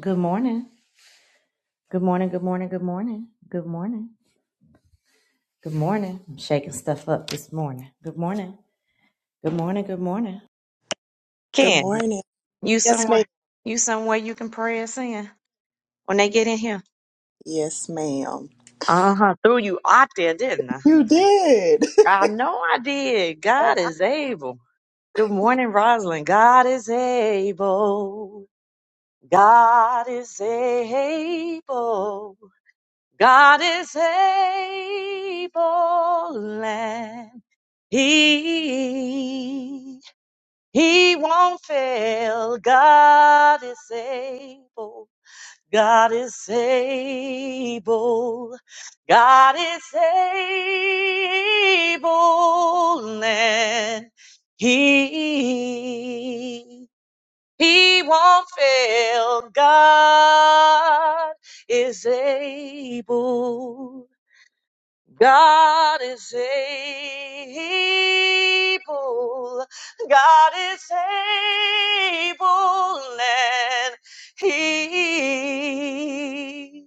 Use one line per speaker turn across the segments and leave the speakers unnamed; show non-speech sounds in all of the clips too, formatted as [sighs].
Good morning. Good morning. Good morning. Good morning. Good morning. Good morning. I'm shaking stuff up this morning. Good morning. Good morning. Good morning.
Good
Ken,
morning.
you
Yes,
somewhere?
ma'am.
You somewhere you can pray us in when they get in here?
Yes, ma'am.
Uh huh. Threw you out there, didn't I?
You did.
I know I did.
[laughs]
God is able. Good morning, Rosalind. God is able. God is able. God is able. He, he won't fail. God is able. God is able. God is able. And he, he won't fail. God is able. God is able. God is able, and He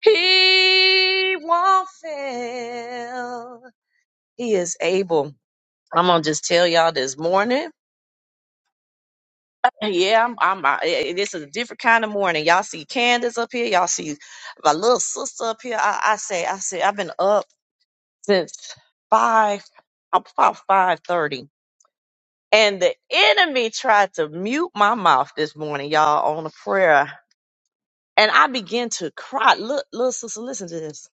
He won't fail. He is able. I'm gonna just tell y'all this morning. Yeah, I'm. I'm I, I- this is a different kind of morning. Y'all see Candace up here. Y'all see my little sister up here. I, I say, I say, I've been up. since five, about five thirty, and the enemy tried to mute my mouth this morning, y'all, on a prayer, and I began to cry. Look, little sister, listen to this.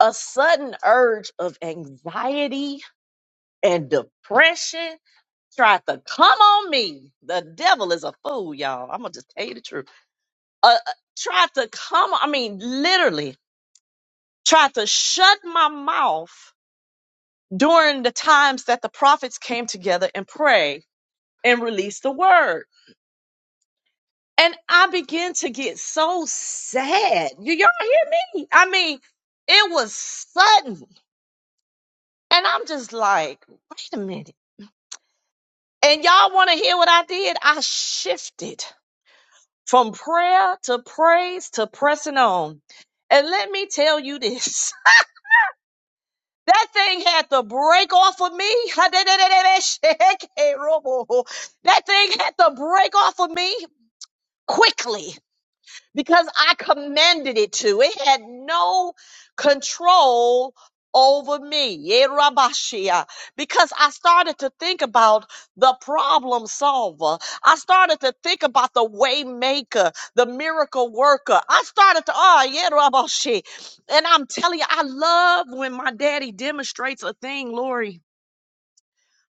A sudden urge of anxiety and depression tried to come on me. The devil is a fool, y'all. I'm gonna just tell you the truth. Uh, uh, tried to come. I mean, literally tried to shut my mouth during the times that the prophets came together and prayed and release the word. And I began to get so sad. You y'all hear me? I mean, it was sudden. And I'm just like, wait a minute. And y'all want to hear what I did? I shifted from prayer to praise to pressing on. And let me tell you this. [laughs] That thing had to break off of me. [laughs] That thing had to break off of me quickly because I commanded it to. It had no control over me. Yerabashia. Because I started to think about the problem solver. I started to think about the way maker, the miracle worker. I started to, oh, Yerabashi. And I'm telling you, I love when my daddy demonstrates a thing, Lori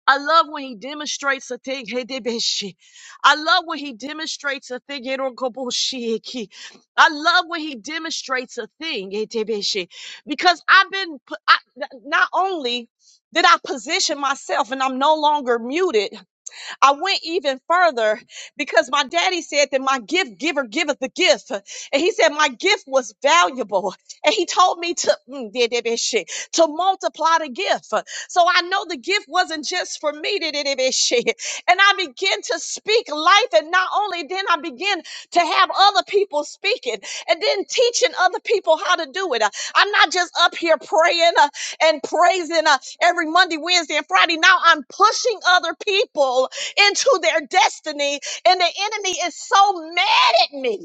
I love when he demonstrates a thing. Hey, Debeshi. I love when he demonstrates a thing. Hey, Rokoboshi, Eki. I love when he demonstrates a thing. Hey, Debeshi. Because I've been, p- I, n- not only did I position myself and I'm no longer muted, I went even further because my daddy said that my gift giver giveth the gift. And he said my gift was valuable. And he told me to, mm, did that bit shit, to multiply the gift. So I know the gift wasn't just for me. did that bit shit. And I began to speak life. And not only then I began to have other people speaking and then teaching other people how to do it. Uh, I'm not just up here praying uh, and praising uh, every Monday, Wednesday, and Friday. Now I'm pushing other people into their destiny. And the enemy is so mad at me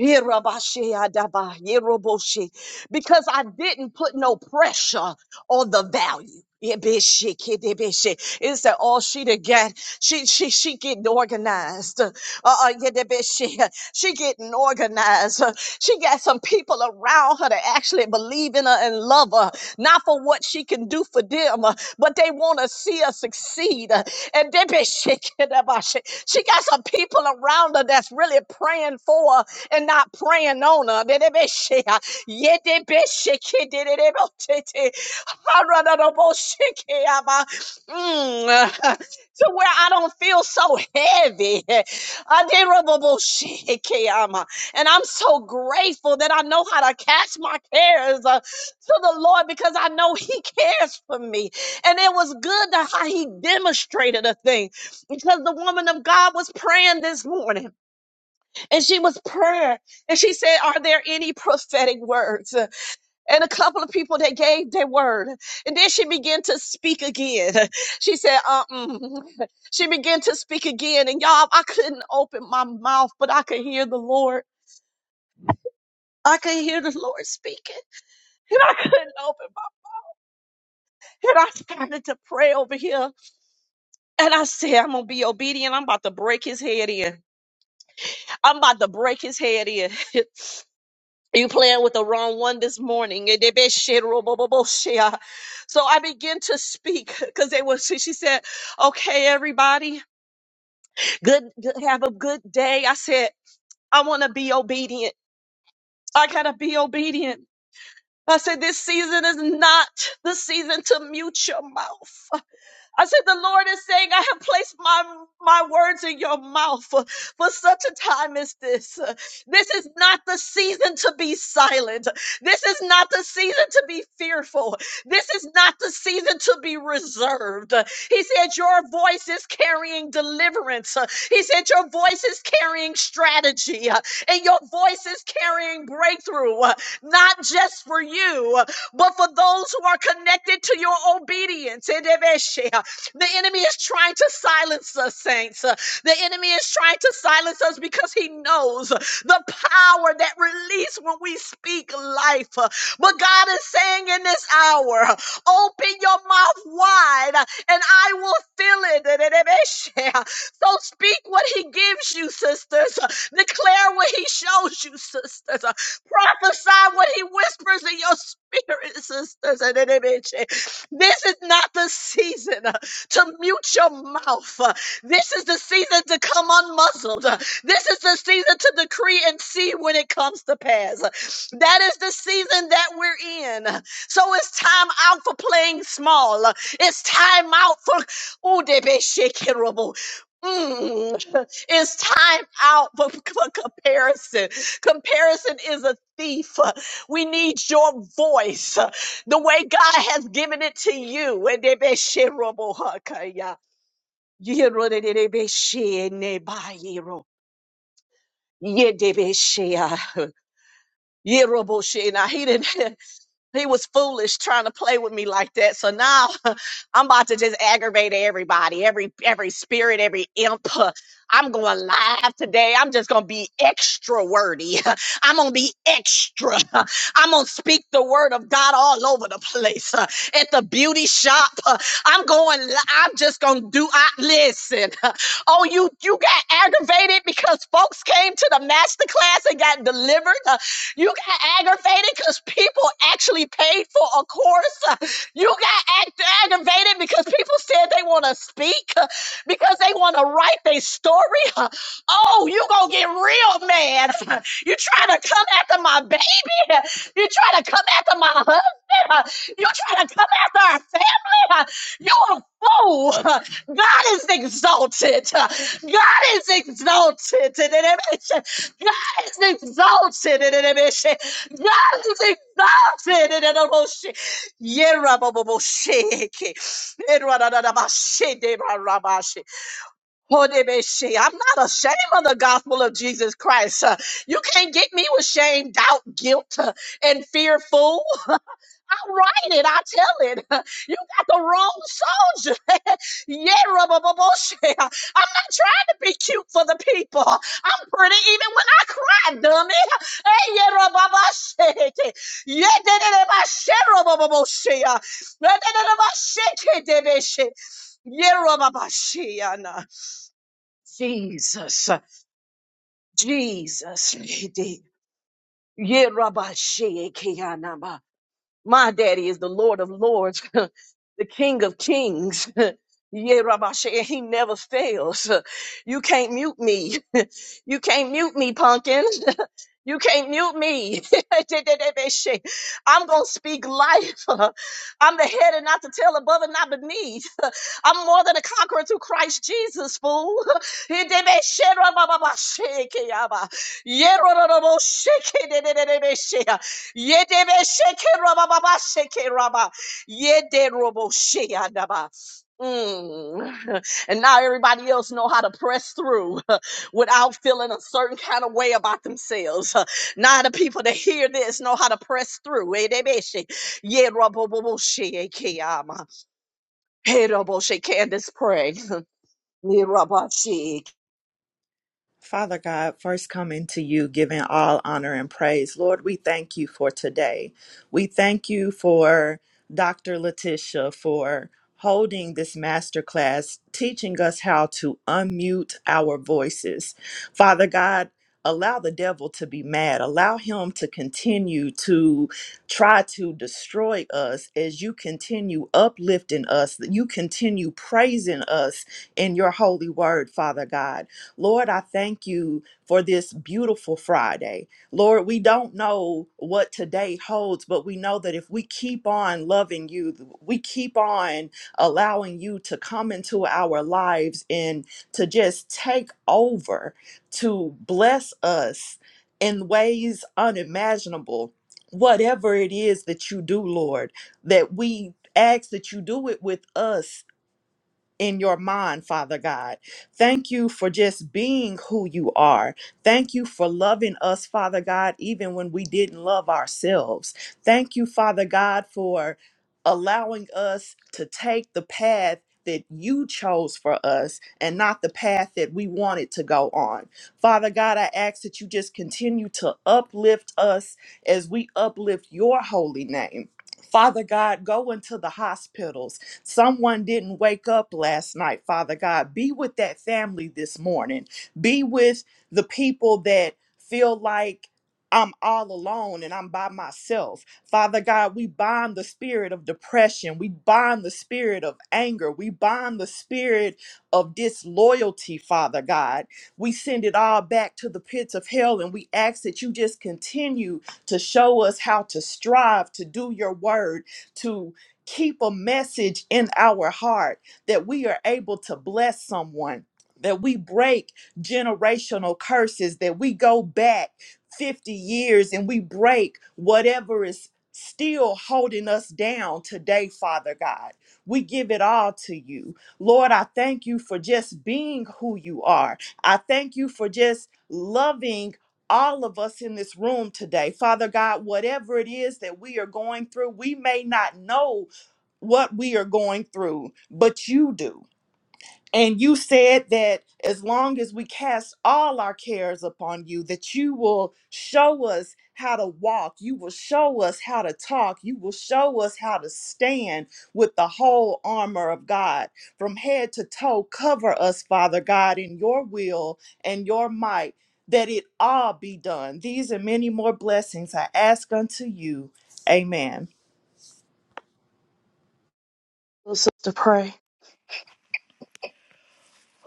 Yerabashe adaba yeroboshe. Because I didn't put no pressure on the value. Yebeshe, kedebeshe. It's that all she to get. She she she getting organized. Uh, uh, yedebeshe. she getting organized. Uh, She got some people around her that actually believe in her and love her, not for what she can do for them, uh, but they want to see her succeed. Uh, And they be shaking about shit. She got some people around her that's really praying for her and not praying on her. Dedebeshe, ah, yedebeshe, kidedebotete, haradadaboshike, abba. Mm, ah, [laughs] To where I don't feel so heavy. [laughs] Aderaboboshike, ama. And I'm so grateful that I know how to cast my cares uh, to the Lord because I know He [laughs] cares for me. And it was good to how He demonstrated a thing because the woman of God was praying this morning and she was prayer and she said are there any prophetic words and a couple of people that gave their word and then she began to speak again [laughs] she said uh-uh. [laughs] she began to speak again and y'all i couldn't open my mouth but i could hear the lord I could hear the Lord speaking, and I couldn't open my. And I started to pray over here, and I said, "I'm gonna be obedient. I'm about to break his head in. I'm about to break his head in." [laughs] You playing with the wrong one this morning. So I began to speak because they was. She she said, "Okay, everybody, good, good, have a good day." I said, "I want to be obedient. I gotta be obedient." I said, "This season is not the season to mute your mouth. I said, the Lord is saying, I have placed my, my words in your mouth for, for such a time as this. This is not the season to be silent. This is not the season to be fearful. This is not the season to be reserved. He said, your voice is carrying deliverance. He said, your voice is carrying strategy and your voice is carrying breakthrough, not just for you, but for those who are connected to your obedience. The enemy is trying to silence us, saints. Uh, The enemy is trying to silence us because he knows uh, the power that release when we speak life. Uh, But God is saying in this hour, uh, open your mouth wide uh, and I will fill it. [laughs] So speak what he gives you, sisters. Uh, Declare what he shows you, sisters. Uh, Prophesy what he whispers in your spirit, sisters. [laughs] This is not the season to mute your mouth. Uh, This is the season to come unmuzzled. Uh, This is the season to decree and see when it comes to pass. Uh, That is the season that we're in. Uh, So it's time out for playing small. Uh, It's time out for Ooh, they be shaking rubble. Mm. [laughs] It's time out for, for comparison. Comparison is a thief. We need your voice the way God has given it to you. Wedebesherobohakaya, yerodedebeshenebahiro, yedebeshea, yeroboshe. Now, he didn't. [laughs] He was foolish trying to play with me like that. So now [laughs] I'm about to just aggravate everybody, every every spirit, every imp. [laughs] I'm going live today. I'm just gonna be extra wordy. [laughs] I'm gonna be extra. [laughs] I'm gonna speak the word of God all over the place. [laughs] At the beauty shop, [laughs] I'm going. li- I'm just gonna do. I listen. [laughs] Oh, you you got aggravated because folks came to the master class and got delivered. You got aggravated because people actually paid for a course. You got act- aggravated because people said they want to speak uh, because they want to write their story. Oh, you gonna get real mad. You trying to come after my baby. You trying to come after my husband. You trying to come after our family. You a fool. God is exalted. God is exalted. God is exalted in an emotion. God is exalted in an emotion. Yerababobosheke. Eradadadabashedebarabashi. Hodebeshe. I'm not ashamed of the gospel of Jesus Christ. Uh, You can't get me with shame, doubt, guilt, uh, and fearful. I write it. I tell it. [laughs] You got the wrong soldier. [laughs] yeah, rubber bullshit. [laughs] I'm not trying to be cute for the people. I'm pretty even when I cry, dummy. [laughs] Hey, yeah, rubber bullshit. [laughs] Yeah, da- da- da- ba- shit, rubber ba [laughs] Yeah, shit Da- da- da- da- ba- shit, kid, da- da- shit. Yeah, rubber-ba-shit, Anna. Jesus, Jesus, [laughs] yeah, rubber-shit, Kiana, my daddy is the Lord of Lords, [laughs] the King of Kings. [laughs] Yeah, Rabbi Shea, he never fails. [laughs] You can't mute me. [laughs] You can't mute me, pumpkin. [laughs] You can't mute me. [laughs] I'm going to speak life. [laughs] I'm the head and not the tail, above and not beneath. [laughs] I'm more than a conqueror through Christ Jesus, fool. [laughs] Yeah, Yedebe sheke raba baba sheke raba. Yede robo shea daba. Mm. [laughs] And now everybody else know how to press through [laughs] without feeling a certain kind of way about themselves. [laughs] Now the people that hear this know how to press through. Yedebe she- Yerobobo shea keama. Yerobo she- Candace, pray. [laughs] Yerobo she-
Father God, first coming to you, giving all honor and praise. Lord, we thank you for today. We thank you for Dr. Letitia for holding this masterclass, teaching us how to unmute our voices. Father God, allow the devil to be mad. Allow him to continue to try to destroy us as you continue uplifting us, that you continue praising us in your holy word, Father God. Lord, I thank you for this beautiful Friday. Lord, we don't know what today holds, but we know that if we keep on loving you, we keep on allowing you to come into our lives and to just take over, to bless us in ways unimaginable. Whatever it is that you do, Lord, that we ask that you do it with us in your mind, Father God. Thank you for just being who you are. Thank you for loving us, Father God, even when we didn't love ourselves. Thank you, Father God, for allowing us to take the path that you chose for us and not the path that we wanted to go on. Father God, I ask that you just continue to uplift us as we uplift your holy name. Father God, go into the hospitals Someone didn't wake up last night, Father God. Be with that family this morning. Be with the people that feel like I'm all alone and I'm by myself. Father God, we bind the spirit of depression. We bind the spirit of anger. We bind the spirit of disloyalty, Father God. We send it all back to the pits of hell and we ask that you just continue to show us how to strive to do your word, to keep a message in our heart that we are able to bless someone, that we break generational curses, that we go back 50 years and we break whatever is still holding us down today, Father God. We give it all to you. Lord, I thank you for just being who you are. I thank you for just loving all of us in this room today. Father God, whatever it is that we are going through, we may not know what we are going through, but you do. And you said that as long as we cast all our cares upon you, that you will show us how to walk, you will show us how to talk, you will show us how to stand with the whole armor of God from head to toe. Cover us, Father God, in your will and your might, that it all be done. These and many more blessings I ask unto you. Amen.
Sister, pray.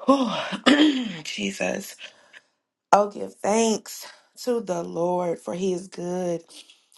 Oh, [clears throat] Jesus. Oh, give thanks to the Lord, for he is good.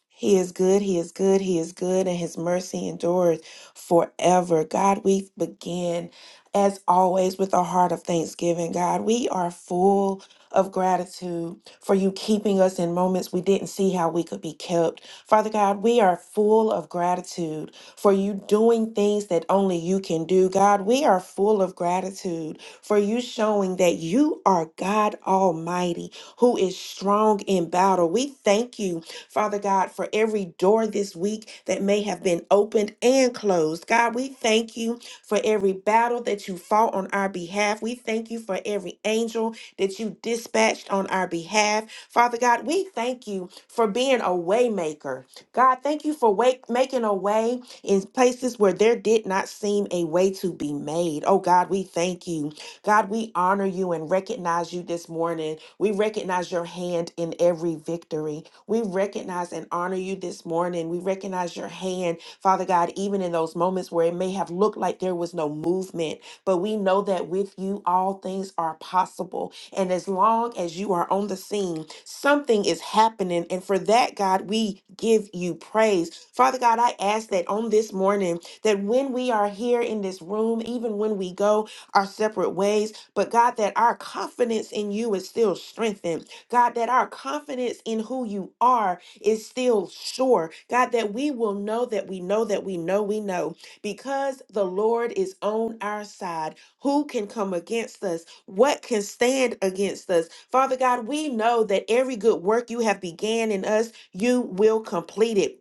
He is good, he is good, he is good, and his mercy endures forever. God, we begin as always with a heart of thanksgiving. God, we are full of gratitude for you keeping us in moments we didn't see how we could be kept. Father God, we are full of gratitude for you doing things that only you can do. God, we are full of gratitude for you showing that you are God Almighty who is strong in battle. We thank you Father God, for every door this week that may have been opened and closed. God, we thank you for every battle that you fought on our behalf. We thank you for every angel that you dispatched on our behalf. Father God, we thank you for being a waymaker. God, thank you for wake, making a way in places where there did not seem a way to be made. Oh God, we thank you. God, we honor you and recognize you this morning. We recognize your hand in every victory. We recognize and honor you this morning. We recognize your hand, Father God, even in those moments where it may have looked like there was no movement. But we know that with you, all things are possible. And as long as you are on the scene, something is happening. And for that, God, we give you praise. Father God, I ask that on this morning, that when we are here in this room, even when we go our separate ways, but God, that our confidence in you is still strengthened God, that our confidence in who you are is still sure. God, that we will know that we know that we know we know because the Lord is on our side. Who can come against us? What can stand against us? Father God, we know that every good work you have began in us, you will complete it.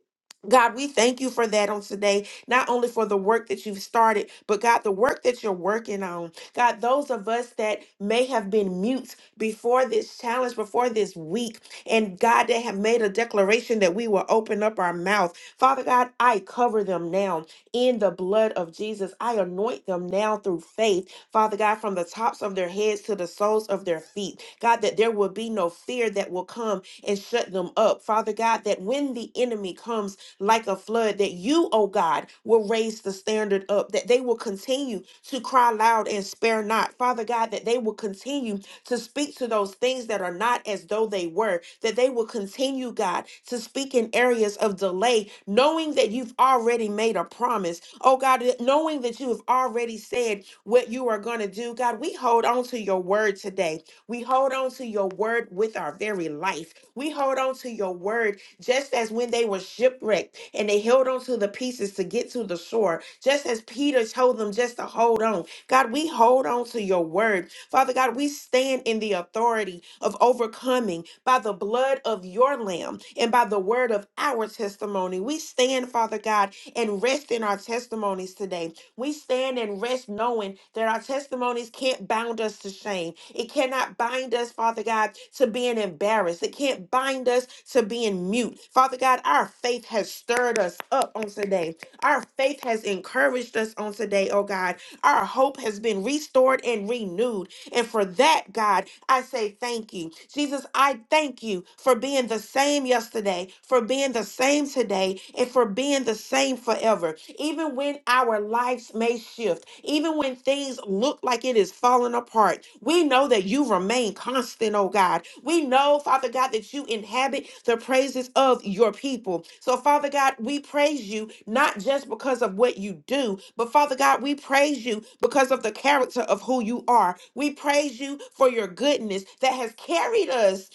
God, we thank you for that on today, not only for the work that you've started, but God, the work that you're working on. God, those of us that may have been mute before this challenge, before this week. And God, they have made a declaration that we will open up our mouth. Father God, I cover them now in the blood of Jesus. I anoint them now through faith, Father God, from the tops of their heads to the soles of their feet. God, that there will be no fear that will come and shut them up. Father God, that when the enemy comes like a flood, that you, oh God, will raise the standard up, that they will continue to cry loud and spare not. Father God, that they will continue to speak to those things that are not as though they were, that they will continue, God, to speak in areas of delay, knowing that you've already made a promise. Oh, God, knowing that you have already said what you are going to do. God, we hold on to your word today. We hold on to your word with our very life. We hold on to your word just as when they were shipwrecked and they held on to the pieces to get to the shore, just as Peter told them just to hold on. God, we hold on to your word. Father God, we stand in the authority of overcoming by the blood of your lamb and by the word of our testimony. We stand, Father God, and rest in our testimonies today. We stand and rest knowing that our testimonies can't bound us to shame. It cannot bind us, Father God, to being embarrassed. It can't bind us to being mute. Father God, our faith has stirred us up on today. Our faith has encouraged us on today, oh God. Our hope has been restored and renewed. And for that, God, I say thank you. Jesus, I thank you for being the same yesterday, for being the same today, and for being the same forever. Even when our lives may shift, even when things look like it is falling apart, we know that you remain remain constant, oh God. We know, Father God, that you inhabit the praises of your people. So, Father God, we praise you not just because of what you do, but Father God, we praise you because of the character of who you are. We praise you for your goodness that has carried us.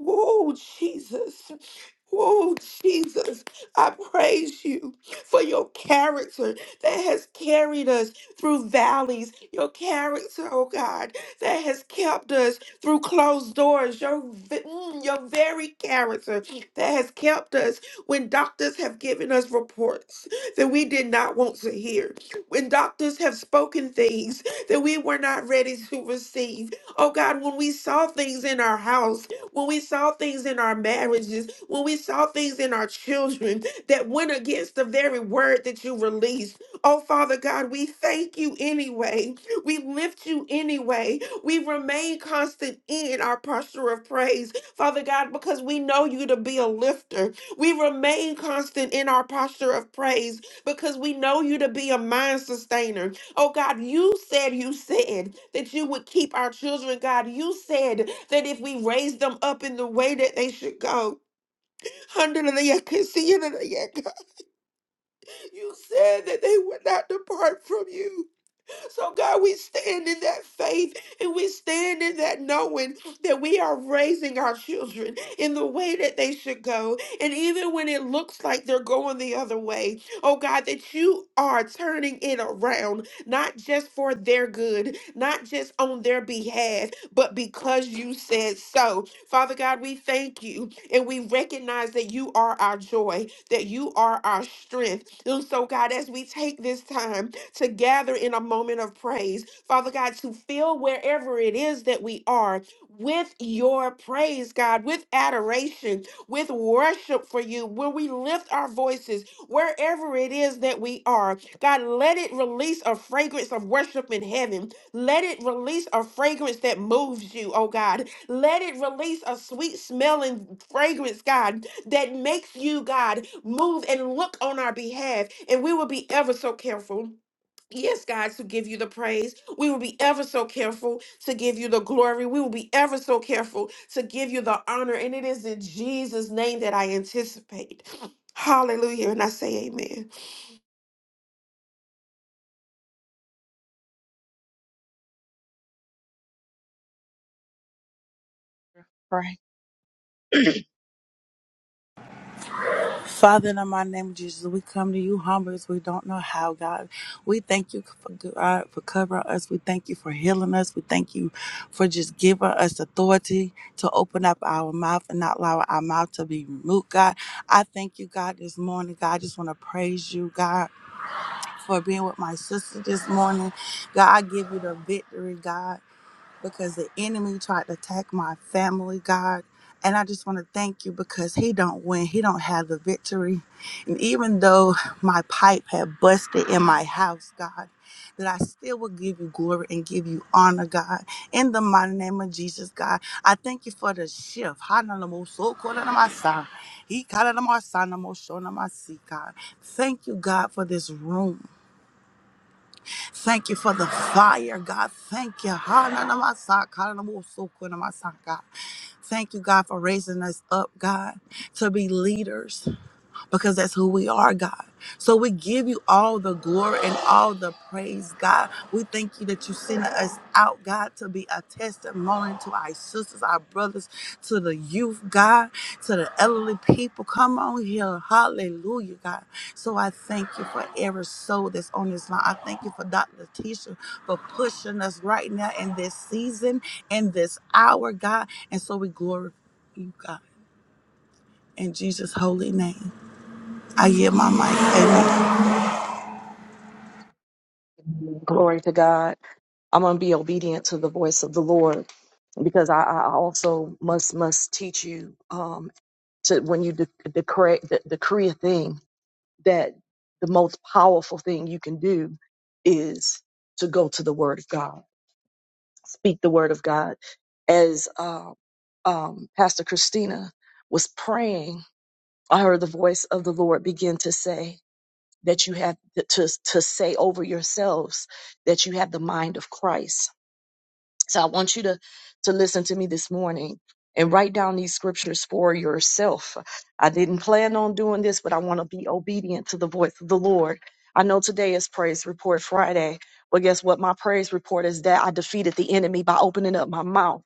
Oh, Jesus. Oh, Jesus, I praise you for your character that has carried us through valleys. Your character, oh God, that has kept us through closed doors, your, v- mm, your very character that has kept us when doctors have given us reports that we did not want to hear, when doctors have spoken things that we were not ready to receive. Oh God, when we saw things in our house, when we saw things in our marriages, when we saw things in our children that went against the very word that you released. Oh Father God, we thank you anyway. We lift you anyway we remain constant in our posture of praise, Father God, because we know you to be a lifter. We remain constant in our posture of praise because we know you to be a mind sustainer. Oh God, you said, you said that you would keep our children, God. You said that if we raise them up in the way that they should go, [laughs] you said that they would not depart from you. So, God, we stand in that faith and we stand in that knowing that we are raising our children in the way that they should go. And even when it looks like they're going the other way, oh God, that you are turning it around, not just for their good, not just on their behalf, but because you said so. Father God, we thank you and we recognize that you are our joy, that you are our strength. And so, God, as we take this time, to gather in a moment of praise. Father God, to fill wherever it is that we are with your praise, God, with adoration, with worship for you, when we lift our voices, wherever it is that we are. God, let it release a fragrance of worship in heaven. Let it release a fragrance that moves you, oh God. Let it release a sweet smelling fragrance, God, that makes you, God, move and look on our behalf. And we will be ever so careful Yes, God, to give you the praise. We will be ever so careful to give you the glory. We will be ever so careful to give you the honor. And it is in Jesus' name that I anticipate. [gasps] [sniffs] Hallelujah. And I say amen.
Pray.
Father, in the mighty name of Jesus, we come to you humble as we don't know how, God. We thank you for, God, for covering us. We thank you for healing us. We thank you for just giving us authority to open up our mouth and not allow our mouth to be removed, God. I thank you, God, this morning. God, I just want to praise you, God, for being with my sister this morning. God, I give you the victory, God because the enemy tried to attack my family, God. And I just want to thank you because he don't win. He don't have the victory. And even though my pipe had busted in my house, God, that I still will give you glory and give you honor, God. In the mighty name of Jesus, God, I thank you for the shift. Thank you, God, for this room. Thank you for the fire, God. Thank you. Ha-na-na-ma-sa, ka-na-na-mo-so, ko-na-ma-sa, God. Thank you, God, for raising us up, God, to be leaders because that's who we are, God. So we give you all the glory and all the praise, God. We thank you that you sent us out, God, to be a testimony to our sisters, our brothers, to the youth, God, to the elderly people. Come on here. Hallelujah, God. So I thank you for every soul that's on this line. I thank you for Dr. Letitia for pushing us right now in this season, in this hour, God. And so we glorify you, God, in Jesus' holy name. I yield my mic. Amen.
Glory to God. I'm going to be obedient to the voice of the Lord. because I, I also must must teach you um, to when you de- decree de- decree a thing that the most powerful thing you can do is to go to the Word of God, speak the Word of God. As uh, um, Pastor Christina was praying, I heard the voice of the Lord begin to say that you have to to say over yourselves that you have the mind of Christ So I want you to to listen to me this morning and write down these scriptures for yourself. I didn't plan on doing this, but I want to be obedient to the voice of the Lord. I know today is praise report Friday, but guess what? My praise report is that I defeated the enemy by opening up my mouth.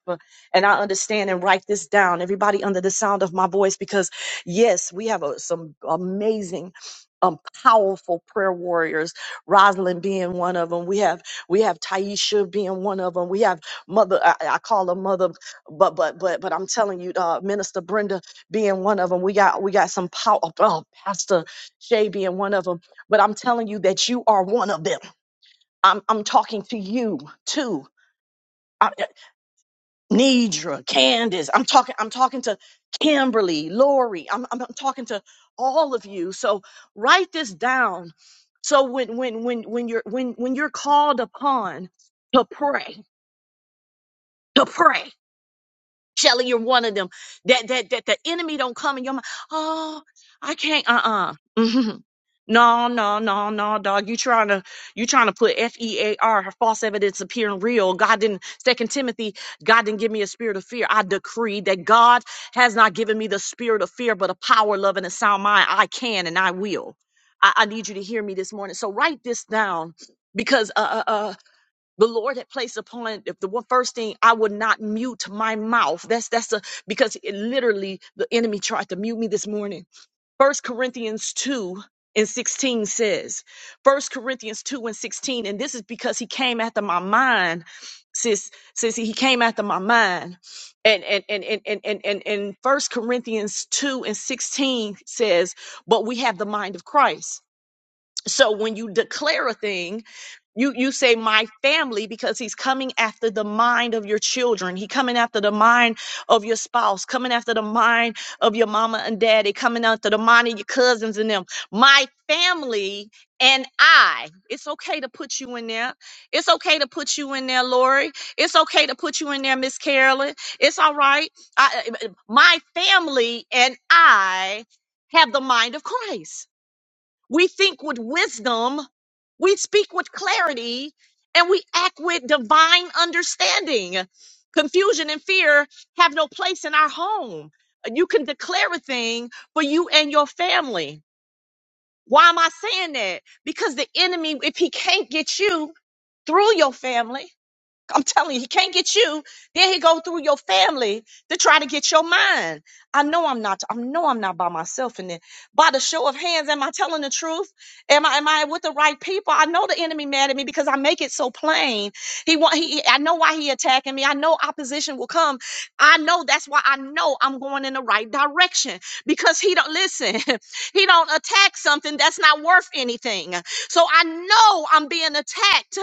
And I understand and write this down, everybody under the sound of my voice, because yes, we have a, some amazing, um, powerful prayer warriors. Rosalind being one of them. We have we have Taisha being one of them. We have mother I, I call her mother but but but but i'm telling you uh minister brenda being one of them we got we got some power oh, pastor shay being one of them but i'm telling you that you are one of them i'm i'm talking to you too I, I- Nidra, Candace, I'm talking, I'm talking to Kimberly, Lori, I'm, I'm, I'm talking to all of you. So write this down. So when, when, when, when you're, when, when you're called upon to pray, to pray. Shelly, you're one of them. That that that the enemy don't come in your mind. Oh, I can't. Uh uh [laughs] No, no, no, no, dog. You trying to you trying to put F E A R her false evidence appearing real. God didn't Second Timothy. God didn't give me a spirit of fear. I decree that God has not given me the spirit of fear, but a power, love, and a sound mind. I can and I will. I, I need you to hear me this morning. So write this down because uh, uh, uh, the Lord had placed upon if the one first thing I would not mute my mouth. That's that's a because it literally the enemy tried to mute me this morning. First Corinthians two and 16 says, First Corinthians 2 and 16, and this is because he came after my mind, sis, sis, he came after my mind. And and and and and and and, and First Corinthians 2 and 16 says, But we have the mind of Christ so when you declare a thing you you say my family because he's coming after the mind of your children he coming after the mind of your spouse coming after the mind of your mama and daddy coming after the mind of your cousins and them my family and i it's okay to put you in there it's okay to put you in there lori it's okay to put you in there miss carolyn it's all right I, I- my family and i have the mind of christ we think with wisdom, we speak with clarity, and we act with divine understanding. Confusion and fear have no place in our home. You can declare a thing for you and your family. Why am I saying that? Because the enemy, if he can't get you through your family, I'm telling you, he can't get you. Then he go through your family to try to get your mind. I know I'm not. I know I'm not by myself in there. By the show of hands, am I telling the truth? Am I am I with the right people? I know the enemy mad at me because I make it so plain. He want. He. I know why he attacking me. I know opposition will come. I know that's why I know I'm going in the right direction because he don't listen. [laughs] he don't attack something that's not worth anything. So I know I'm being attacked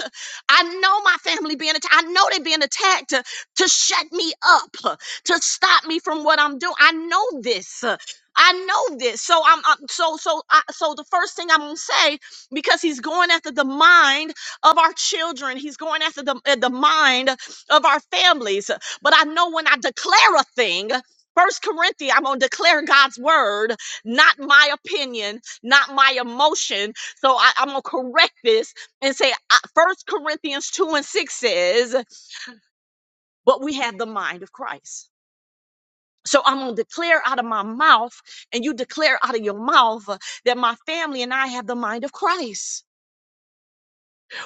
I know my family being attacked. I know they're being attacked to, to shut me up, uh, to stop me from what I'm doing. I know this. uh, I know this. So I'm, I'm so so I, so the first thing I'm going to say because he's going after the mind of our children. He's going after the uh, the mind of our families. But I know when I declare a thing, First Corinthians, I'm gonna declare God's word, not my opinion, not my emotion. So I, I'm gonna correct this and say uh, first corinthians 2 and 6 says but we have the mind of christ so i'm going to declare out of my mouth and you declare out of your mouth uh, that my family and i have the mind of christ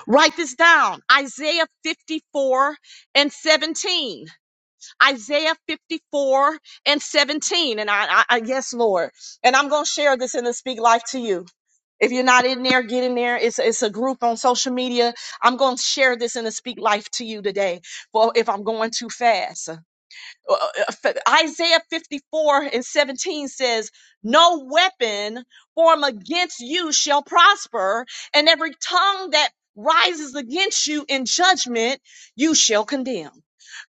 write this down isaiah 54 and 17 isaiah 54 and 17 and i, I, I yes lord and i'm going to share this in the speak life to you If you're not in there, get in there. It's, it's a group on social media. I'm going to share this and to speak life to you today. For if I'm going too fast, Uh, uh, uh, Isaiah 54 and 17 says, No weapon formed against you shall prosper, and every tongue that rises against you in judgment, you shall condemn.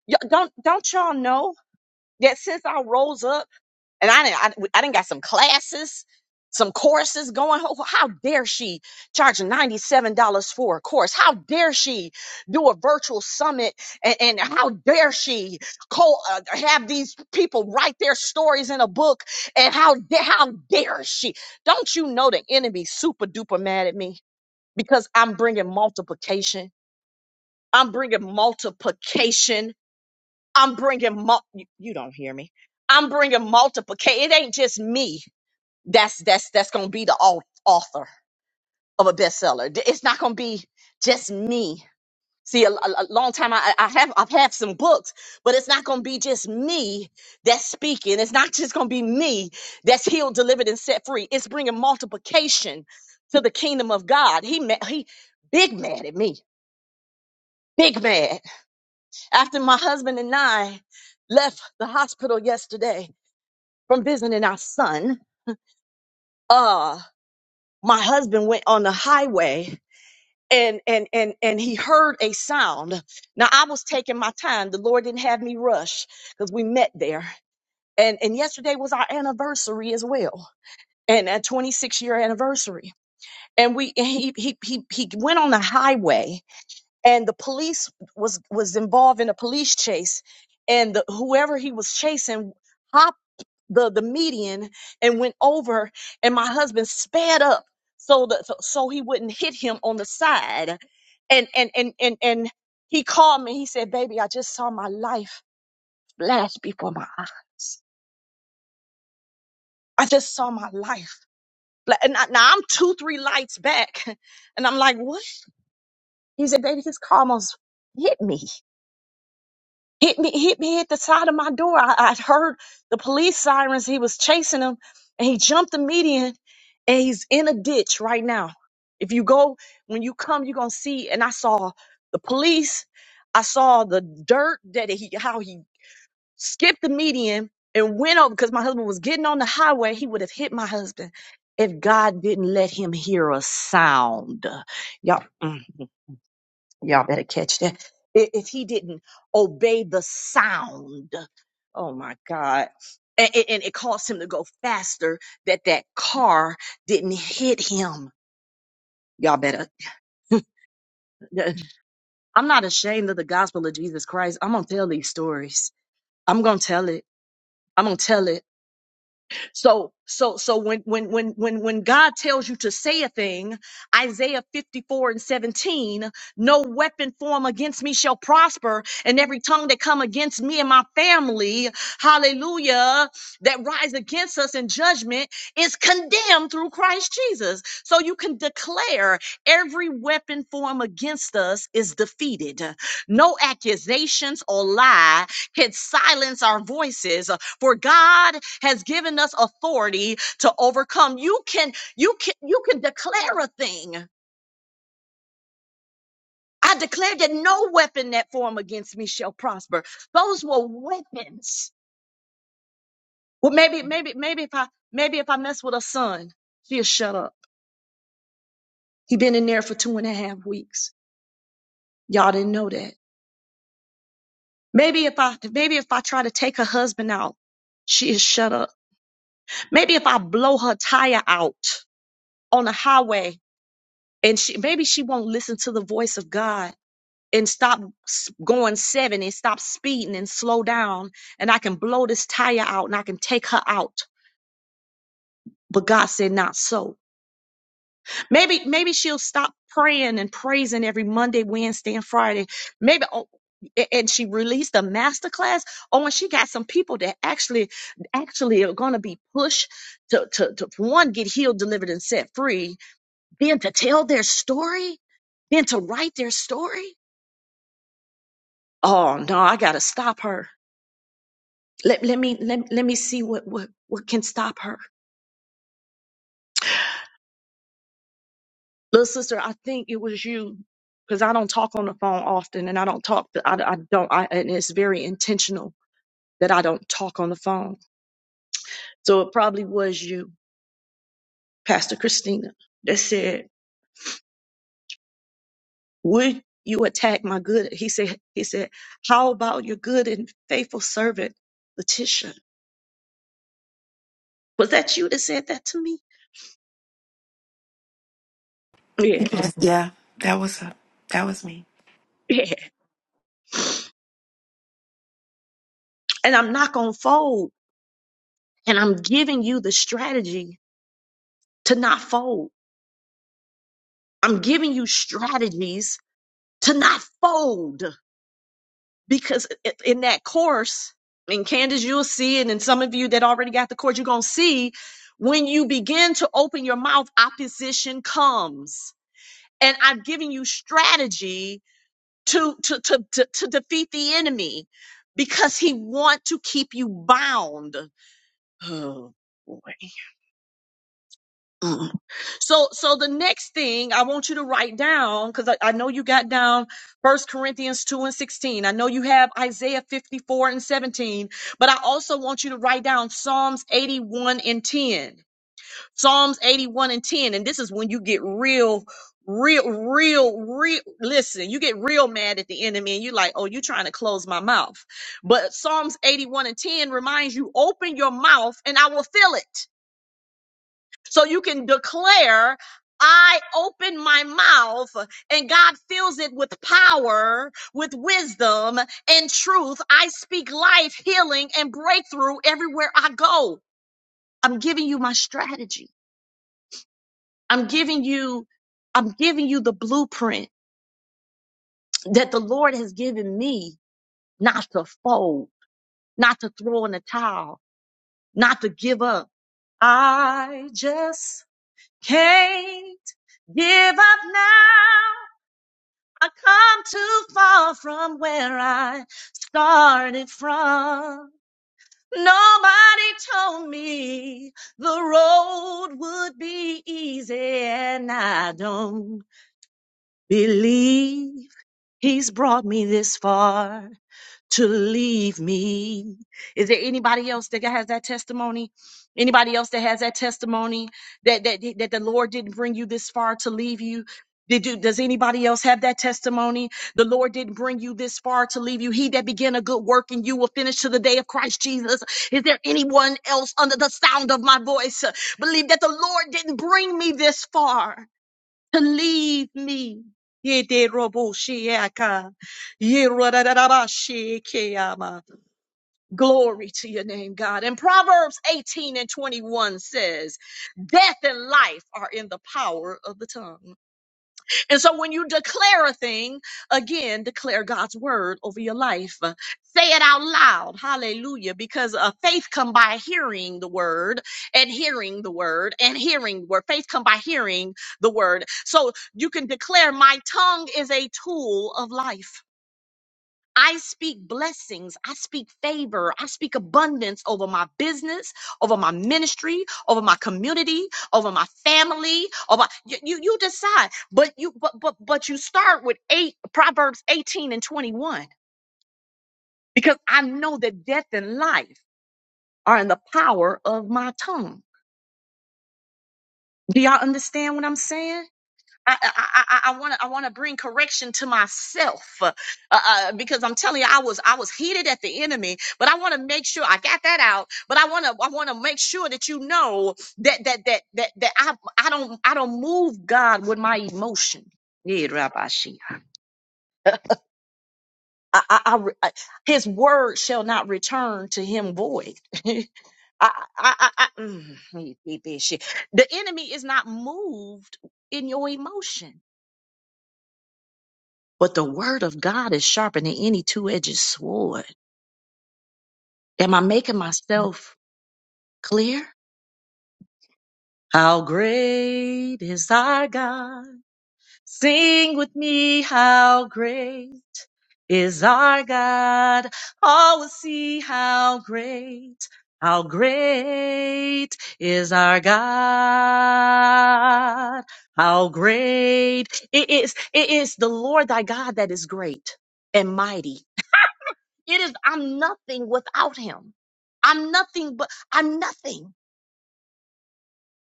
Y- don't, don't y'all know that since I rose up? and I didn't, I, I didn't got some classes, some courses going. Ho- How dare she charge $97 for a course? How dare she do a virtual summit? And, and how dare she co- uh, have these people write their stories in a book? And how, da- how dare she? Don't you know the enemy super duper mad at me because I'm bringing multiplication? I'm bringing multiplication. I'm bringing, mul- you you don't hear me. I'm bringing multiplication. It ain't just me that's that's that's gonna be the au- author of a bestseller. D- It's not gonna be just me. See, a, a- a long time I, I have I've had some books, but it's not gonna be just me that's speaking. It's not just gonna be me that's healed, delivered, and set free. It's bringing multiplication to the kingdom of God. He ma- he big mad at me, big mad. After my husband and I left the hospital yesterday from visiting our son, uh, my husband went on the highway and and and and he heard a sound now i was taking my time the lord didn't have me rush because we met there and and yesterday was our anniversary as well and a 26 year anniversary and we and he, he he he went on the highway and the police was was involved in a police chase and the, whoever he was chasing the the median and went over and my husband sped up so that so, so he wouldn't hit him on the side and and and and and he called me he said baby i just saw my life flash before my eyes i just saw my life fla-" and I, now i'm two three lights back [laughs] and i'm like what he said baby this car almost hit me hit me, hit me at the side of my door. I, I heard the police sirens. He was chasing him and he jumped the median and he's in a ditch right now. If you go, when you come, you're going to see. And I saw the police. I saw the dirt that he, how he skipped the median and went over because my husband was getting on the highway. He would have hit my husband if God didn't let him hear a sound. Y'all, mm, Y'all better catch that. I- If he didn't obey the sound, oh my God. And, and it caused him to go faster that that car didn't hit him. Y'all better. [laughs] I'm not ashamed of the gospel of Jesus Christ. I'm going to tell these stories. I'm going to tell it. I'm going to tell it. So, so, so when, when, when, when, when God tells you to say a thing, Isaiah 54 and 17, no weapon formed against me shall prosper, and every tongue that come against me and my family, hallelujah, that rise against us in judgment is condemned through Christ Jesus. So you can declare every weapon formed against us is defeated. No accusations or lie can silence our voices for God has given us authority to overcome. You can you can you can declare a thing. I declare that no weapon that form against me shall prosper. Those were weapons. Well, maybe maybe maybe if I maybe if I mess with a son, he'll shut up. He been in there for two and a half weeks. Y'all didn't know that. Maybe if I maybe if I try to take her husband out, she'll shut up. Maybe if I blow her tire out on the highway and she maybe she won't listen to the voice of God and stop s- going 70 and stop speeding and slow down and I can blow this tire out and I can take her out. But God said not so. Maybe maybe she'll stop praying and praising every Monday, Wednesday and Friday. Maybe oh, a- and she released a master class. Oh, and she got some people that actually actually are going to be pushed to, to to one get healed, delivered and set free, then to tell their story, then to write their story. Oh no, I got to stop her. Let, let me let, let me see what, what what can stop her. Little sister, I think it was you because I don't talk on the phone often and I don't talk I, I don't I and it's very intentional that I don't talk on the phone. So it probably was you, Pastor Christina, that said, Would you attack my good? He said he said, How about your good and faithful servant, Letitia? Was that you that said that to me? Yeah. [laughs]
Yeah, that was a, that was me.
Yeah. And I'm not gonna fold. And I'm giving you the strategy to not fold. I'm giving you strategies to not fold because i- in that course, and Candace, you'll see, it, and then some of you that already got the course, you're going to see when you begin to open your mouth, opposition comes. And I've given you strategy to, to, to, to, to defeat the enemy because he want to keep you bound. Oh boy. So, so the next thing I want you to write down, because I, I know you got down First Corinthians 2 and 16. I know you have Isaiah 54 and 17, but I also want you to write down Psalms 81 and 10. Psalms 81 and 10. And this is when you get real, real, real, real. Listen, you get real mad at the enemy and you're like, oh, you trying to close my mouth. But Psalms 81 and 10 reminds you, open your mouth and I will fill it. So you can declare, I open my mouth and God fills it with power, with wisdom and truth. I speak life, healing, and breakthrough everywhere I go. I'm giving you my strategy. I'm giving you, I'm giving you the blueprint that the Lord has given me not to fold, not to throw in the towel, not to give up. I just can't give up now. I come too far from where I started from. Nobody told me the road would be easy, and I don't believe he's brought me this far to leave me. Is there anybody else that has that testimony? Anybody else that has that testimony that that that the Lord didn't bring you this far to leave you? Did you, does anybody else have that testimony? The Lord didn't bring you this far to leave you. He that began a good work in you will finish to the day of Christ Jesus. Is there anyone else under the sound of my voice uh, believe that the Lord didn't bring me this far? to leave me. Yederoboshiaka, yerodadabashikeyama. Glory to your name, God. And Proverbs 18 and 21 says, Death and life are in the power of the tongue. And so when you declare a thing, again, declare God's word over your life. Uh, Say it out loud. Hallelujah. Because uh, faith come by hearing the word and hearing the word and hearing the word. Faith come by hearing the word. So you can declare my tongue is a tool of life. I speak blessings. I speak favor. I speak abundance over my business, over my ministry, over my community, over my family. Over you, you, you decide. But you, but but but you start with eight Proverbs eighteen and twenty one because I know that death and life are in the power of my tongue. Do y'all understand what I'm saying? I I I want to I want to bring correction to myself uh, uh, because I'm telling you I was I was heated at the enemy, but I want to make sure I got that out. But I want to I want to make sure that you know that that that that that I I don't I don't move God with my emotion. Yeah, Rabbi Shia. I, I, I, re- I- his word shall not return to him void. [laughs] I, I, I, I, mm, he- he- he- she- the enemy is not moved in your emotion. But the word of God is sharper than any two edged sword. Am I making myself clear? How great is our God? Sing with me, how great is our God. All will see how great, how great is our God. How great it is, it is the Lord thy God that is great and mighty It is, I'm nothing without him. I'm nothing but, I'm nothing.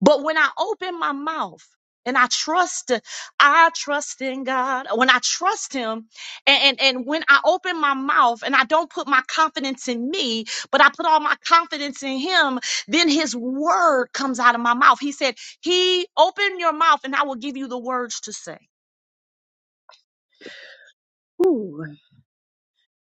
But when I open my mouth and I trust, I trust in God. When I trust him and, and, and when I open my mouth and I don't put my confidence in me, but I put all my confidence in him, then his word comes out of my mouth. He said, he open your mouth and I will give you the words to say. Ooh.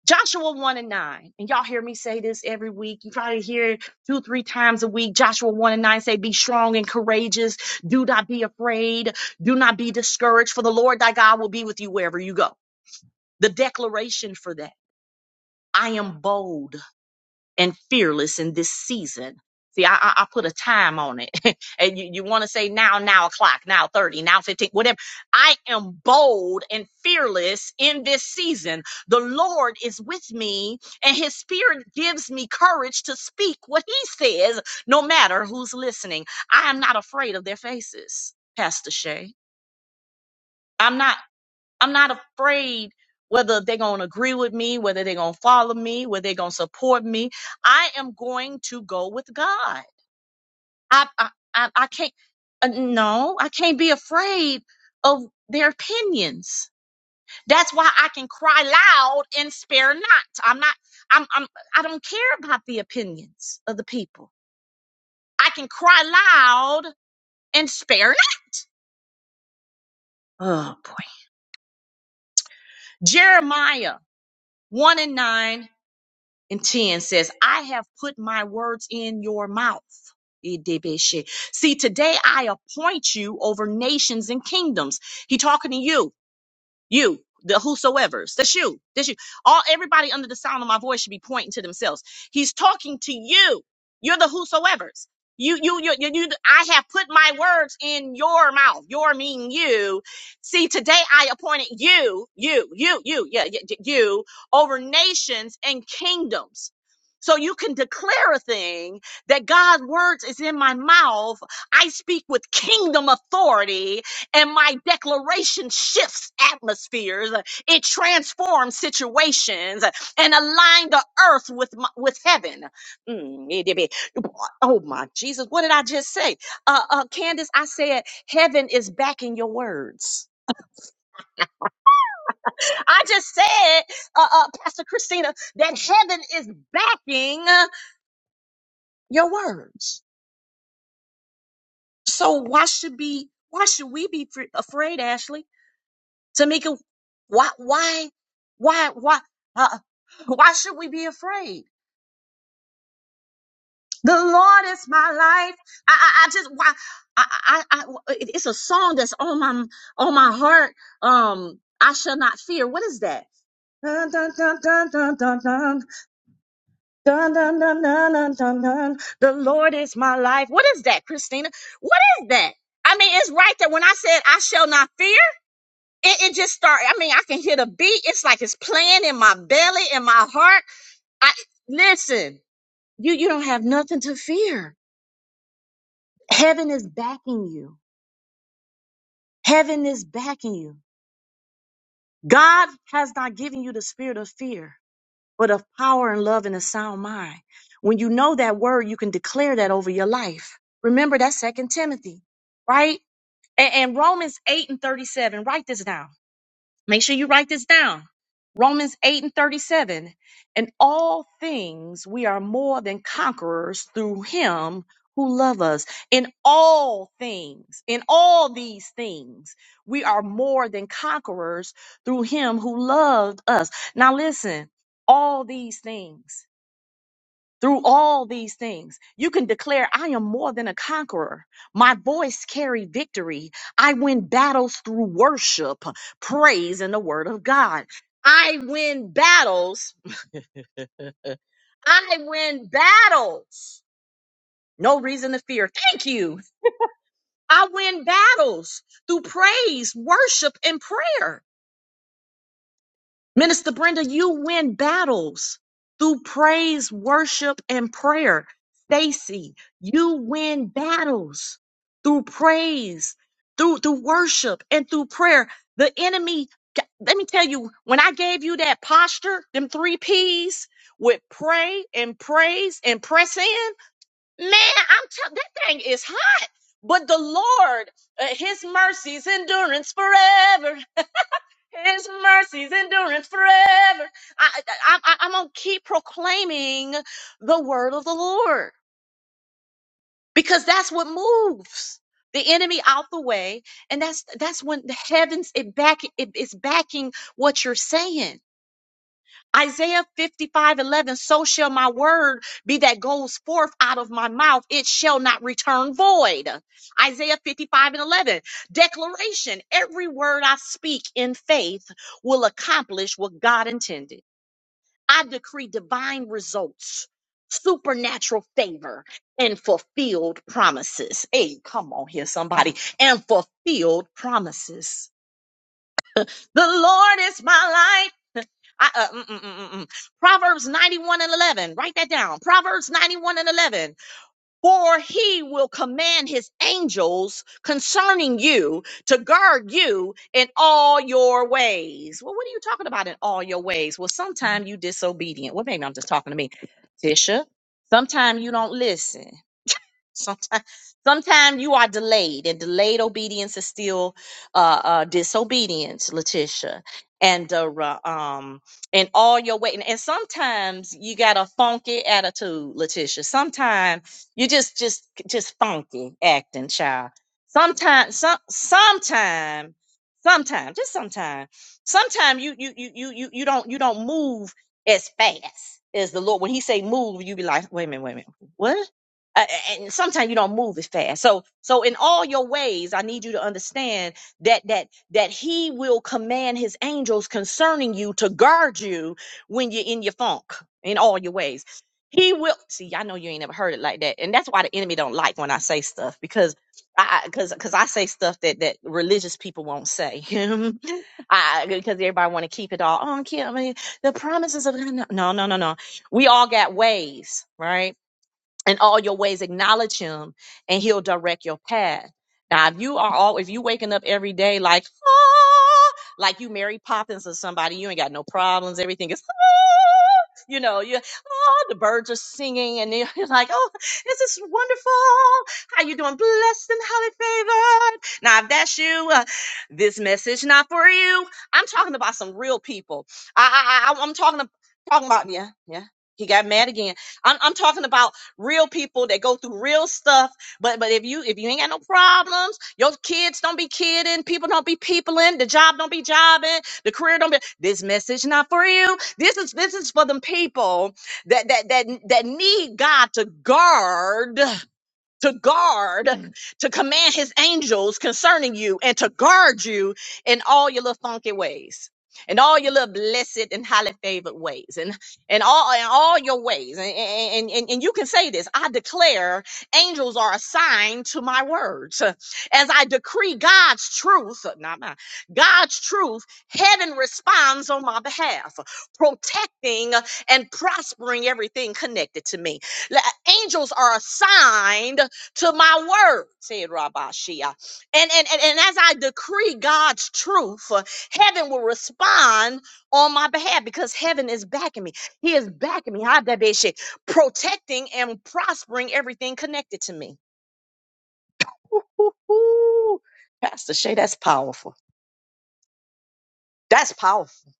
Joshua 1 and 9. And y'all hear me say this every week. You probably hear it two, three times a week. Joshua 1 and 9 say, Be strong and courageous. Do not be afraid. Do not be discouraged, for the Lord thy God will be with you wherever you go. The declaration for that I am bold and fearless in this season. See, I, I, I put a time on it. [laughs] and you, you want to say now, now o'clock, now 30, now 15, whatever. I am bold and fearless in this season. The Lord is with me and his spirit gives me courage to speak what he says, no matter who's listening. I am not afraid of their faces, Pastor Shay. I'm not. I'm not afraid whether they're going to agree with me, whether they're going to follow me, whether they're going to support me. I am going to go with God. I, I, I, I can't, uh, no, I can't be afraid of their opinions. That's why I can cry loud and spare not. I'm not, I'm, I'm, I don't care about the opinions of the people. I can cry loud and spare not. Oh boy. Jeremiah 1 and 9 and 10 says, I have put my words in your mouth. See, today I appoint you over nations and kingdoms. He talking to you you the whosoever's that's you that's you all everybody under the sound of my voice should be pointing to themselves he's talking to you you're the whosoever's you you you you, you i have put my words in your mouth your meaning you see today i appointed you you you you yeah, yeah yeah, you over nations and kingdoms so you can declare a thing that God's words is in my mouth. I speak with kingdom authority and my declaration shifts atmospheres it transforms situations and align the earth with my, with heaven Mm, it did oh my jesus what did i just say uh, uh candace i said heaven is backing your words [laughs] i just said uh, uh pastor christina that heaven is backing uh, your words so why should be why should we be fr- afraid ashley Tamika, why, why, why, why, uh, why should we be afraid? The Lord is my life. I, I, I just, why, I, I, I, I- it- it's a song that's on my, on my heart. Um, I shall not fear. What is that? Dun, dun, dun, dun, dun, dun, dun. Dun, dun, dun, dun, dun, dun, dun. The Lord is my life. What is that, Christina? What is that? I mean, it's right there. When I said, I shall not fear, it, it just started. I mean, I can hear the beat. It's like it's playing in my belly, in my heart. I listen. You you don't have nothing to fear. Heaven is backing you. Heaven is backing you. God has not given you the spirit of fear, but of power and love and a sound mind. When you know that word, you can declare that over your life. Remember that Second Timothy, right? And, and Romans eight and thirty seven. Write this down. Make sure you write this down. Romans 8 and 37. In all things, we are more than conquerors through him who love us. In all things, in all these things, we are more than conquerors through him who loved us. Now listen, all these things through all these things. You can declare, I am more than a conqueror. My voice carried victory. I win battles through worship, praise, and the word of God. I win battles. I win battles. No reason to fear. Thank you. I win battles through praise, worship, and prayer. Minister Brenda, you win battles through praise, worship, and prayer. Stacy, you win battles through praise, through through worship, and through prayer. The enemy, let me tell you, when I gave you that posture, them three P's with pray and praise and press in, man, I'm tell that thing is hot. But the Lord, uh, His mercies, endurance forever. His mercies endurance forever. I, I, I, I'm going to keep proclaiming the word of the Lord because that's what moves the enemy out the way. And that's, that's when the heavens, it back, it, it's backing what you're saying. Isaiah 55:11. so shall my word be that goes forth out of my mouth. It shall not return void. Isaiah 55 and 11, declaration every word I speak in faith will accomplish what God intended. I decree divine results, supernatural favor, and fulfilled promises. Hey, come on here, somebody, and fulfilled promises. The Lord is my light I, uh, mm, mm, mm, mm, mm. Proverbs 91 and 11. Write that down. Proverbs 91 and 11. For he will command his angels concerning you to guard you in all your ways. Well, what are you talking about in all your ways? Well, sometimes you disobedient. Well, maybe I'm just talking to me. Tisha, sometimes you don't listen. Sometimes, sometimes you are delayed, and delayed obedience is still uh, uh, disobedience, Letitia. And uh, ra- um, and all your way, and, and sometimes you got a funky attitude, Letitia. Sometimes you just just just funky acting, child. Sometimes, some sometime, sometime, just sometime, sometime you you you you you you don't you don't move as fast as the Lord. When He say move, you be like, wait a minute, wait a minute, what? uh, and sometimes you don't move as fast. So, so in all your ways, I need you to understand that that that He will command His angels concerning you to guard you when you're in your funk in all your ways. He will see. I know you ain't never heard it like that, and that's why the enemy don't like when I say stuff because I because because I say stuff that that religious people won't say. [laughs] I because everybody want to keep it all on Kim. I mean, The promises of God." no, no, no, no. no. We all got ways, right? in all your ways acknowledge him and he'll direct your path now if you are all if you waking up every day like ah, like you mary poppins or somebody you ain't got no problems everything is ah, you know you ah, the birds are singing and then [laughs] you're like oh this is wonderful how you doing blessed and highly favored now if that's you uh, this message not for you i'm talking about some real people i i, I i'm talking, about, talking about yeah yeah he got mad again I'm, I'm talking about real people that go through real stuff. But but if you if you ain't got no problems, your kids don't be kidding, people don't be peopling, the job don't be jobbing, the career don't be this message not for you. This is this is for them people that that that that need God to guard to guard, to command his angels concerning you and to guard you in all your little funky ways. In all your little blessed and highly favored ways, and in all in all your ways, and, and and and you can say this: I declare, angels are assigned to my words, as I decree God's truth, not mine. God's truth, heaven responds on my behalf, protecting and prospering everything connected to me. La- Angels are assigned to my word, said Rabashia. And, and, and, and as I decree God's truth, uh, heaven will respond on my behalf because heaven is backing me. He is backing me, Hadabeshe, protecting and prospering everything connected to me. Woo-hoo-hoo. Pastor Shay, that's powerful. That's powerful.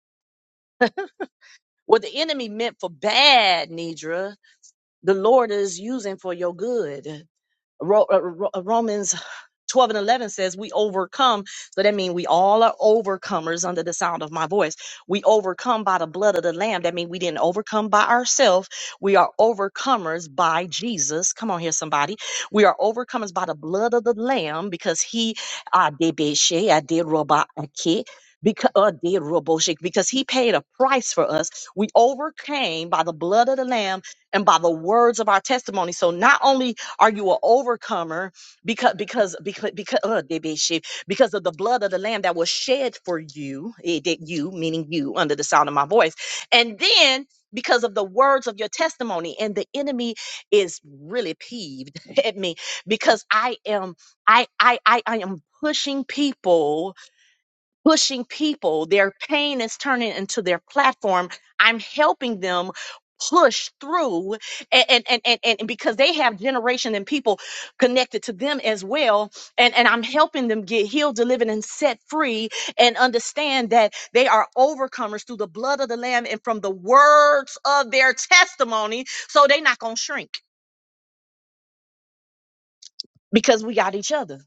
What the enemy meant for bad, Nidra, the Lord is using for your good. Ro- uh, Ro- uh, Romans 12 and 11 says, We overcome. So that means we all are overcomers under the sound of my voice. We overcome by the blood of the Lamb. That means we didn't overcome by ourselves. We are overcomers by Jesus. Come on here, somebody. We are overcomers by the blood of the Lamb because he, I did beshe, I did roba, I ki- because uh, did roboshik because he paid a price for us. We overcame by the blood of the Lamb and by the words of our testimony. So not only are you an overcomer because because because because uh, they be shit, because of the blood of the lamb that was shed for you? It did you meaning you under the sound of my voice, and then because of the words of your testimony. And the enemy is really peeved [laughs] at me because I am I I I, I am pushing people pushing people. Their pain is turning into their platform. I'm helping them push through and and and, and, and because they have generation and people connected to them as well and and I'm helping them get healed delivered and set free and understand that they are overcomers through the blood of the lamb and from the words of their testimony so they're not going to shrink because we got each other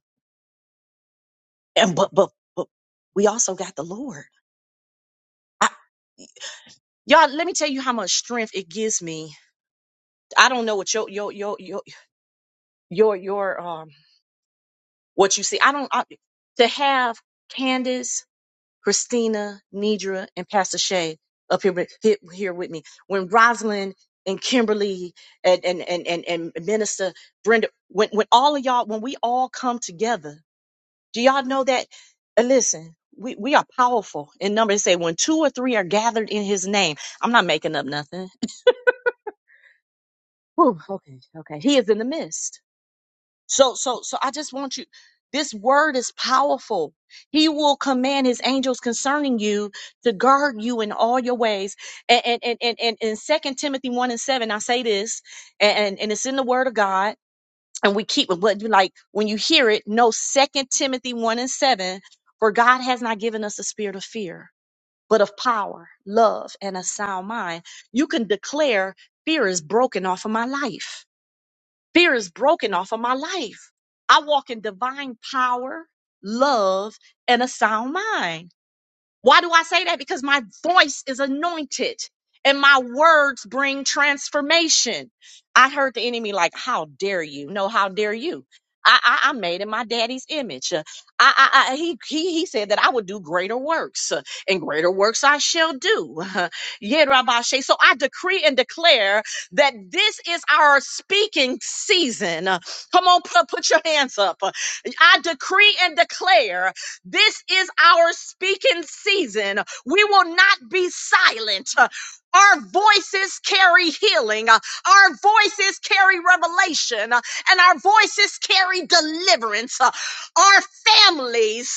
and but but but we also got the Lord Y'all, let me tell you how much strength it gives me. I don't know what your your your your your, your um what you see. I don't I, to have Candace, Christina, Nidra, and Pastor Shay up here with- here here with me. When Rosalind and Kimberly and and and and, and Minister Brenda, when when all of y'all, when we all come together, do y'all know that? uh, listen, we we are powerful in number. They say when two or three are gathered in His name. I'm not making up nothing. Whew, okay, okay. He is in the midst. So, so, so I just want you, this word is powerful. He will command his angels concerning you to guard you in all your ways. And, and, and, and, and in Second Timothy 1 and 7, I say this, and, and it's in the word of God. And we keep what you like when you hear it. No, Second Timothy 1 and 7, for God has not given us a spirit of fear, but of power, love, and a sound mind. You can declare fear is broken off of my life Fear is broken off of my life. I walk in divine power, love, and a sound mind. Why do I say that? Because my voice is anointed and my words bring transformation. I heard the enemy like, How dare you? No, how dare you? I, I, I'm made in my daddy's image. Uh, I, I, I, he, he, he said that I would do greater works, uh, and greater works I shall do. [laughs] Yeah, Rabbi Shay. So I decree and declare that this is our speaking season. Uh, Come on, put, put your hands up. Uh, I decree and declare this is our speaking season. We will not be silent. Our voices carry healing. Our voices carry revelation. And our voices carry deliverance. Our families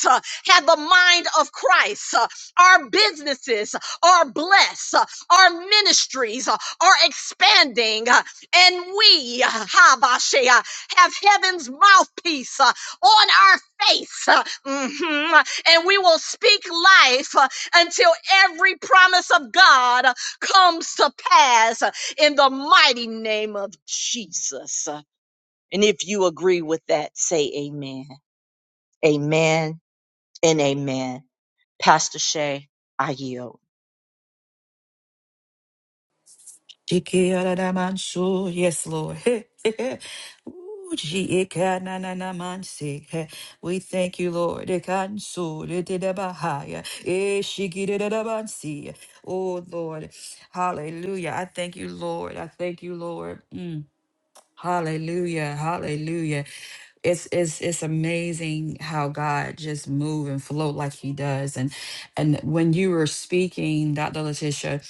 have the mind of Christ. Our businesses are blessed. Our ministries are expanding. And we, Habashea, have heaven's mouthpiece on our faith. hmm And we will speak life uh, until every promise of God uh, comes to pass uh, in the mighty name of Jesus. Uh, And if you agree with that, say amen. Amen and amen. Pastor Shay, I yield.
Ikiaradamansu, Yes, Lord. [laughs] Ooh, jiikananamansi. We thank you, Lord. Ikansu, dididabahaya. Ishikididadabansi. Oh, Lord. Hallelujah. I thank you, Lord. I thank you, Lord. Mm. Hallelujah. Hallelujah. It's it's it's amazing how God just move and flow like he does. And and when you were speaking, Dr. Letitia,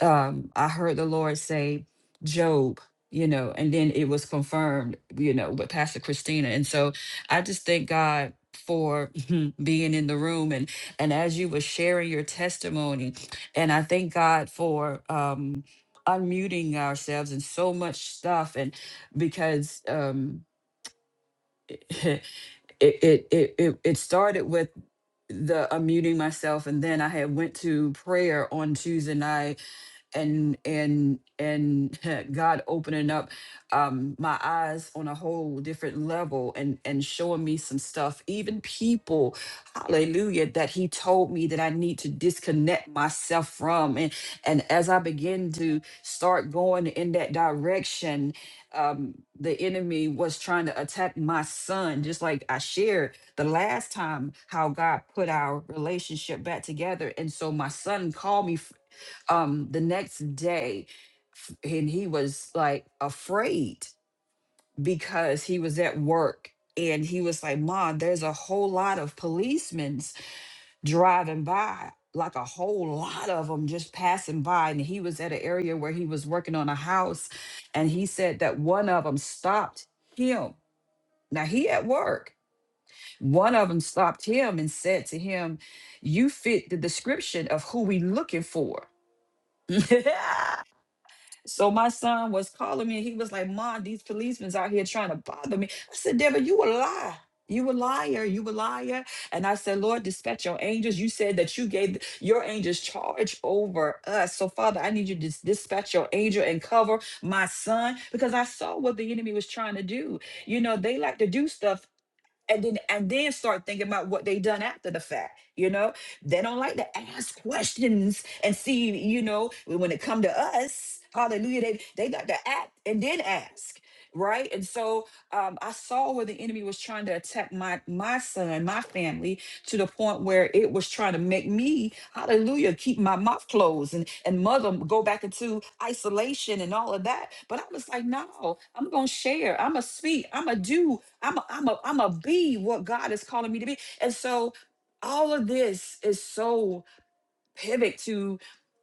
um, I heard the Lord say, Job, you know, and then it was confirmed, you know, with Pastor Christina. And so I just thank God for [laughs] being in the room and and as you were sharing your testimony and I thank God for um unmuting ourselves and so much stuff and because um, [laughs] it, it it it it started with the unmuting myself, and then I had went to prayer on Tuesday night and and and [laughs] God opening up um my eyes on a whole different level and and showing me some stuff even people hallelujah that he told me that I need to disconnect myself from and and as I begin to start going in that direction um the enemy was trying to attack my son just like I shared the last time how God put our relationship back together and so my son called me um the next day f- and he was like afraid because he was at work and he was like mom there's a whole lot of policemen driving by like a whole lot of them just passing by and he was at an area where he was working on a house and he said that one of them stopped him now he at work one of them stopped him and said to him you fit the description of who we looking for [laughs] So my son was calling me and he was like, Mom, these policemen's out here trying to bother me. I said, Deborah, you a lie. You a liar. You a liar. And I said, Lord, dispatch your angels. You said that you gave th- your angels charge over us. So, Father, I need you to dis- dispatch your angel and cover my son because I saw what the enemy was trying to do. You know, they like to do stuff and then and then start thinking about what they done after the fact you know they don't like to ask questions and see you know when it come to us hallelujah they they got to act and then ask right and so um, i saw where the enemy was trying to attack my my son my family to the point where it was trying to make me hallelujah keep my mouth closed and and mother go back into isolation and all of that but i was like no i'm gonna share i'm gonna speak i'm gonna do I'm a, I'm a, I'm a be what God is calling me to be. And so all of this is so pivot to,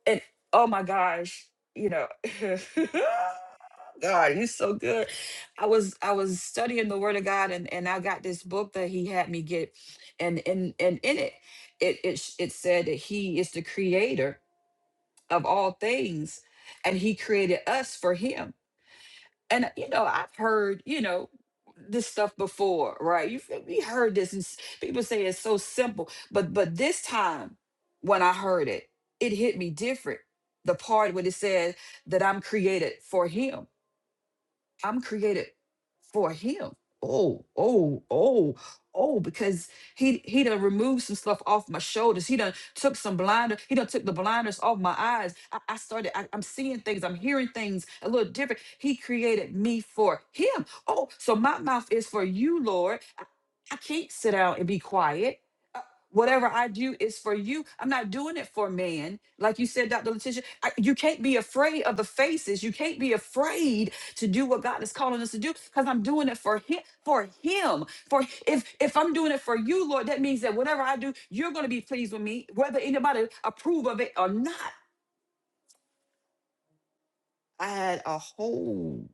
and oh my gosh, you know, [laughs] God, he's so good. I was, I was studying the word of God and, and I got this book that he had me get and, and, and in it, it, it, sh- it said that he is the creator of all things and he created us for him and you know i've heard you know this stuff before right you feel- we heard this and s- people say it's so simple but but this time when i heard it it hit me different the part when it said that i'm created for him I'm created for him. Oh, oh, oh, oh, because he he done removed some stuff off my shoulders. He done took some blinder, he done took the blinders off my eyes. I, I started, I, I'm seeing things, I'm hearing things a little different. He created me for him. Oh, so my mouth is for you, Lord. I, I can't sit down and be quiet. Uh, Whatever I do is for you. I'm not doing it for man. Like you said, Dr. Letitia, I, you can't be afraid of the faces. You can't be afraid to do what God is calling us to do because I'm doing it for him for him for if if I'm doing it for you Lord that means that whatever I do you're going to be pleased with me whether anybody approve of it or not I had a whole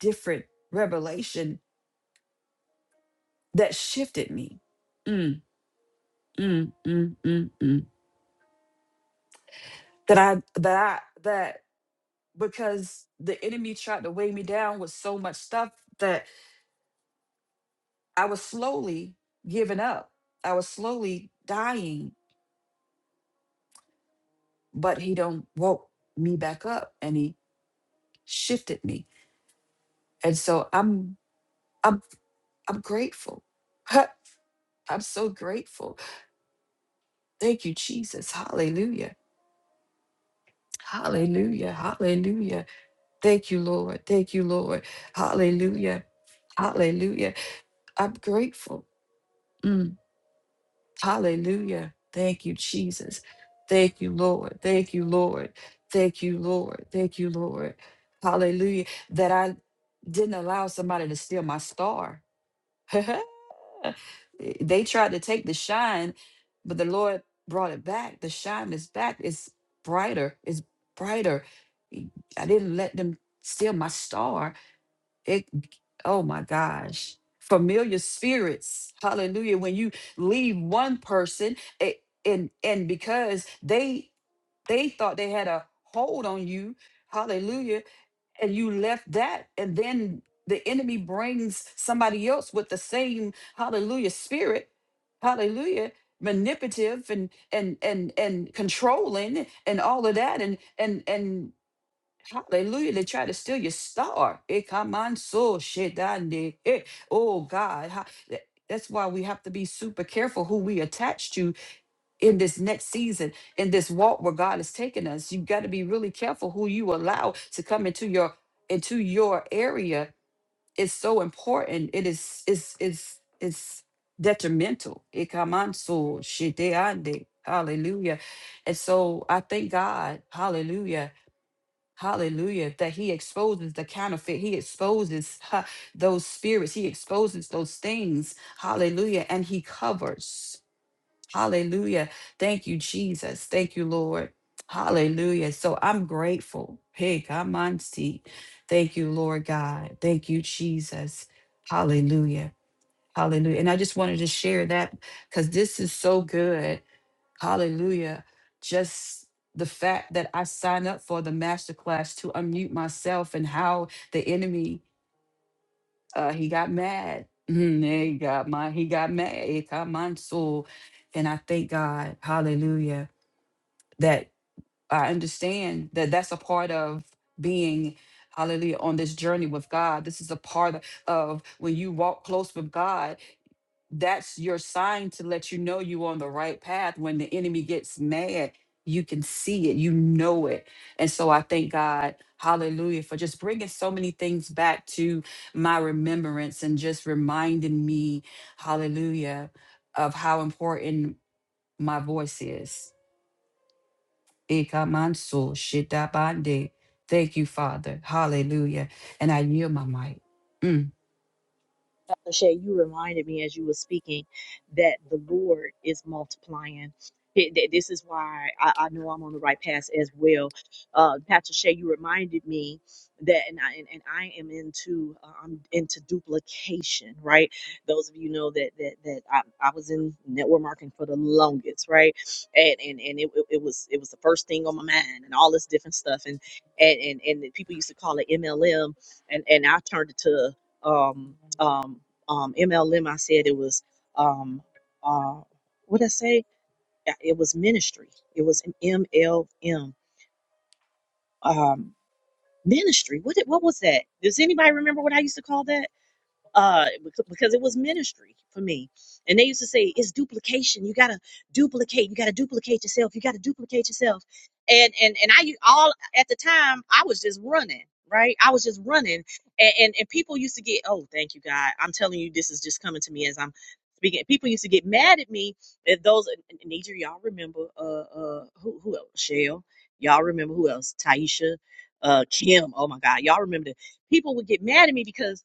different revelation that shifted me mm, mm, mm, mm, mm. that I that I that because the enemy tried to weigh me down with so much stuff that I was slowly giving up I was slowly dying but he don't woke me back up and he shifted me and so i'm i'm i'm grateful [laughs] i'm so grateful thank you jesus hallelujah hallelujah hallelujah thank you lord thank you lord hallelujah hallelujah i'm grateful Mm. Hallelujah. Thank you, Jesus. Thank you, Lord. Thank you, Lord. Thank you, Lord. Thank you, Lord. Hallelujah. That I didn't allow somebody to steal my star. [laughs] they tried to take the shine, but the Lord brought it back. The shine is back. It's brighter. It's brighter. I didn't let them steal my star it oh my gosh familiar spirits hallelujah when you leave one person it, and and because they they thought they had a hold on you hallelujah and you left that and then the enemy brings somebody else with the same hallelujah spirit hallelujah manipulative and and and and controlling and all of that and and and Hallelujah. They try to steal your star. Eh, come on, so eh, Oh God. ha- tha- That's why we have to be super careful who we attach to in this next season, in this walk where God is taking us. You've got to be really careful who you allow to come into your into your area. It's so important. It is it's it's it's detrimental. Eh, come on, so Hallelujah. And so I thank God, hallelujah Hallelujah. That he exposes the counterfeit. He exposes huh, those spirits. He exposes those things. Hallelujah. And he covers. Hallelujah. Thank you, Jesus. Thank you, Lord. Hallelujah. So I'm grateful. Hey, come on, see. Thank you, Lord God. Thank you, Jesus. Hallelujah. Hallelujah. And I just wanted to share that because this is so good. Hallelujah. Just the fact that I signed up for the masterclass to unmute myself and how the enemy, uh, he got mad. [laughs] Mm, He got my, he got mad. He got my soul. And I thank God, hallelujah, that I understand that that's a part of being, hallelujah, on this journey with God. This is a part of when you walk close with God that's your sign to let you know you're on the right path. When the enemy gets mad, you can see it, you know it. And so I thank God, hallelujah, for just bringing so many things back to my remembrance and just reminding me, hallelujah, of how important my voice is. Ikamansu shitabande. Thank you, Father. Hallelujah. And I yield my mic. Mm.
Lachey, you reminded me as you were speaking that the Lord is multiplying. Th- th- This is why I, I know I'm on the right path as well. Uh, Pastor Shay, you reminded me that, and I and, and I am into uh, I'm into duplication, right? Those of you know that that that I, I was in network marketing for the longest, right? And and and it, it it was it was the first thing on my mind, and all this different stuff, and and and and people used to call it MLM, and and I turned it to um um, um, MLM, I said it was, um, uh, what did I say? Yeah, It was ministry. It was an MLM, um, ministry. What, did- what was that? Does anybody remember what I used to call that? uh bec- because it was ministry for me and they used to say it's duplication you gotta duplicate you gotta duplicate yourself you gotta duplicate yourself and and and i u- all at the time i was just running right i was just running and and, and people used to get oh thank you god i'm telling you this is just coming to me as i'm speaking people used to get mad at me if those Nidra, y'all remember uh uh who who else shell y'all remember who else taisha uh kim oh my god y'all remember the people would get mad at me because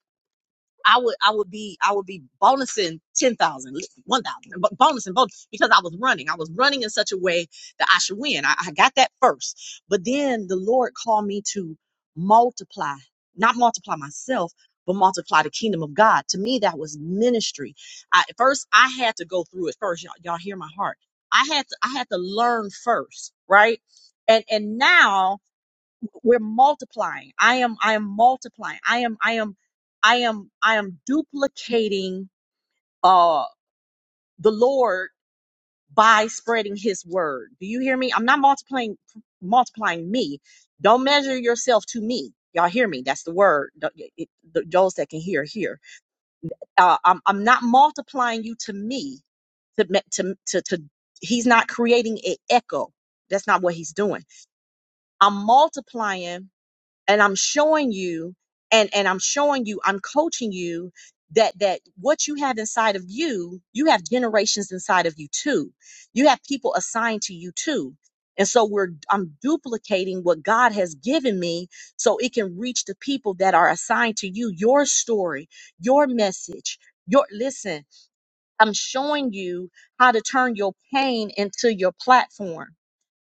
I would I would be I would be bonusing 10,000 1,000 but bonusing both because I was running. I was running in such a way that I should win. I, I got that first. But then the Lord called me to multiply, not multiply myself, but multiply the kingdom of God. To me, that was ministry. I, at first, I had to go through it first. Y'all, y'all hear my heart. I had to I had to learn first, right? And and now we're multiplying i am i am multiplying i am i am i am i am duplicating uh the lord by spreading his word do you hear me i'm not multiplying multiplying me don't measure yourself to me y'all hear me that's the word Th- it- th- those that can hear hear uh, I'm, I'm not multiplying you to me to, me- to to to he's not creating an echo that's not what he's doing i'm multiplying and I'm showing you and and I'm showing you I'm coaching you that that what you have inside of you you have generations inside of you too you have people assigned to you too and so we're I'm duplicating what God has given me so it can reach the people that are assigned to you your story your message your listen I'm showing you how to turn your pain into your platform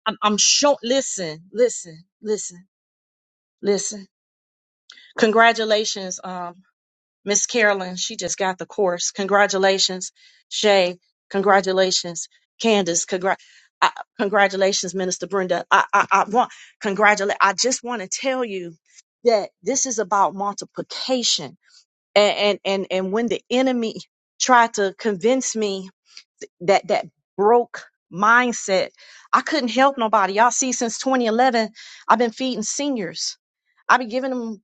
I'm, I'm showing listen listen listen listen Congratulations, um, Miss Carolyn. She just got the course. Congratulations, Shay. Congratulations, Candace. Congra- I, congratulations, Minister Brenda. I, I, I want congratulate. I just want to tell you that this is about multiplication. And and and, and when the enemy tried to convince me that that broke mindset, I couldn't help nobody. Y'all see, since 2011, I've been feeding seniors. i be giving them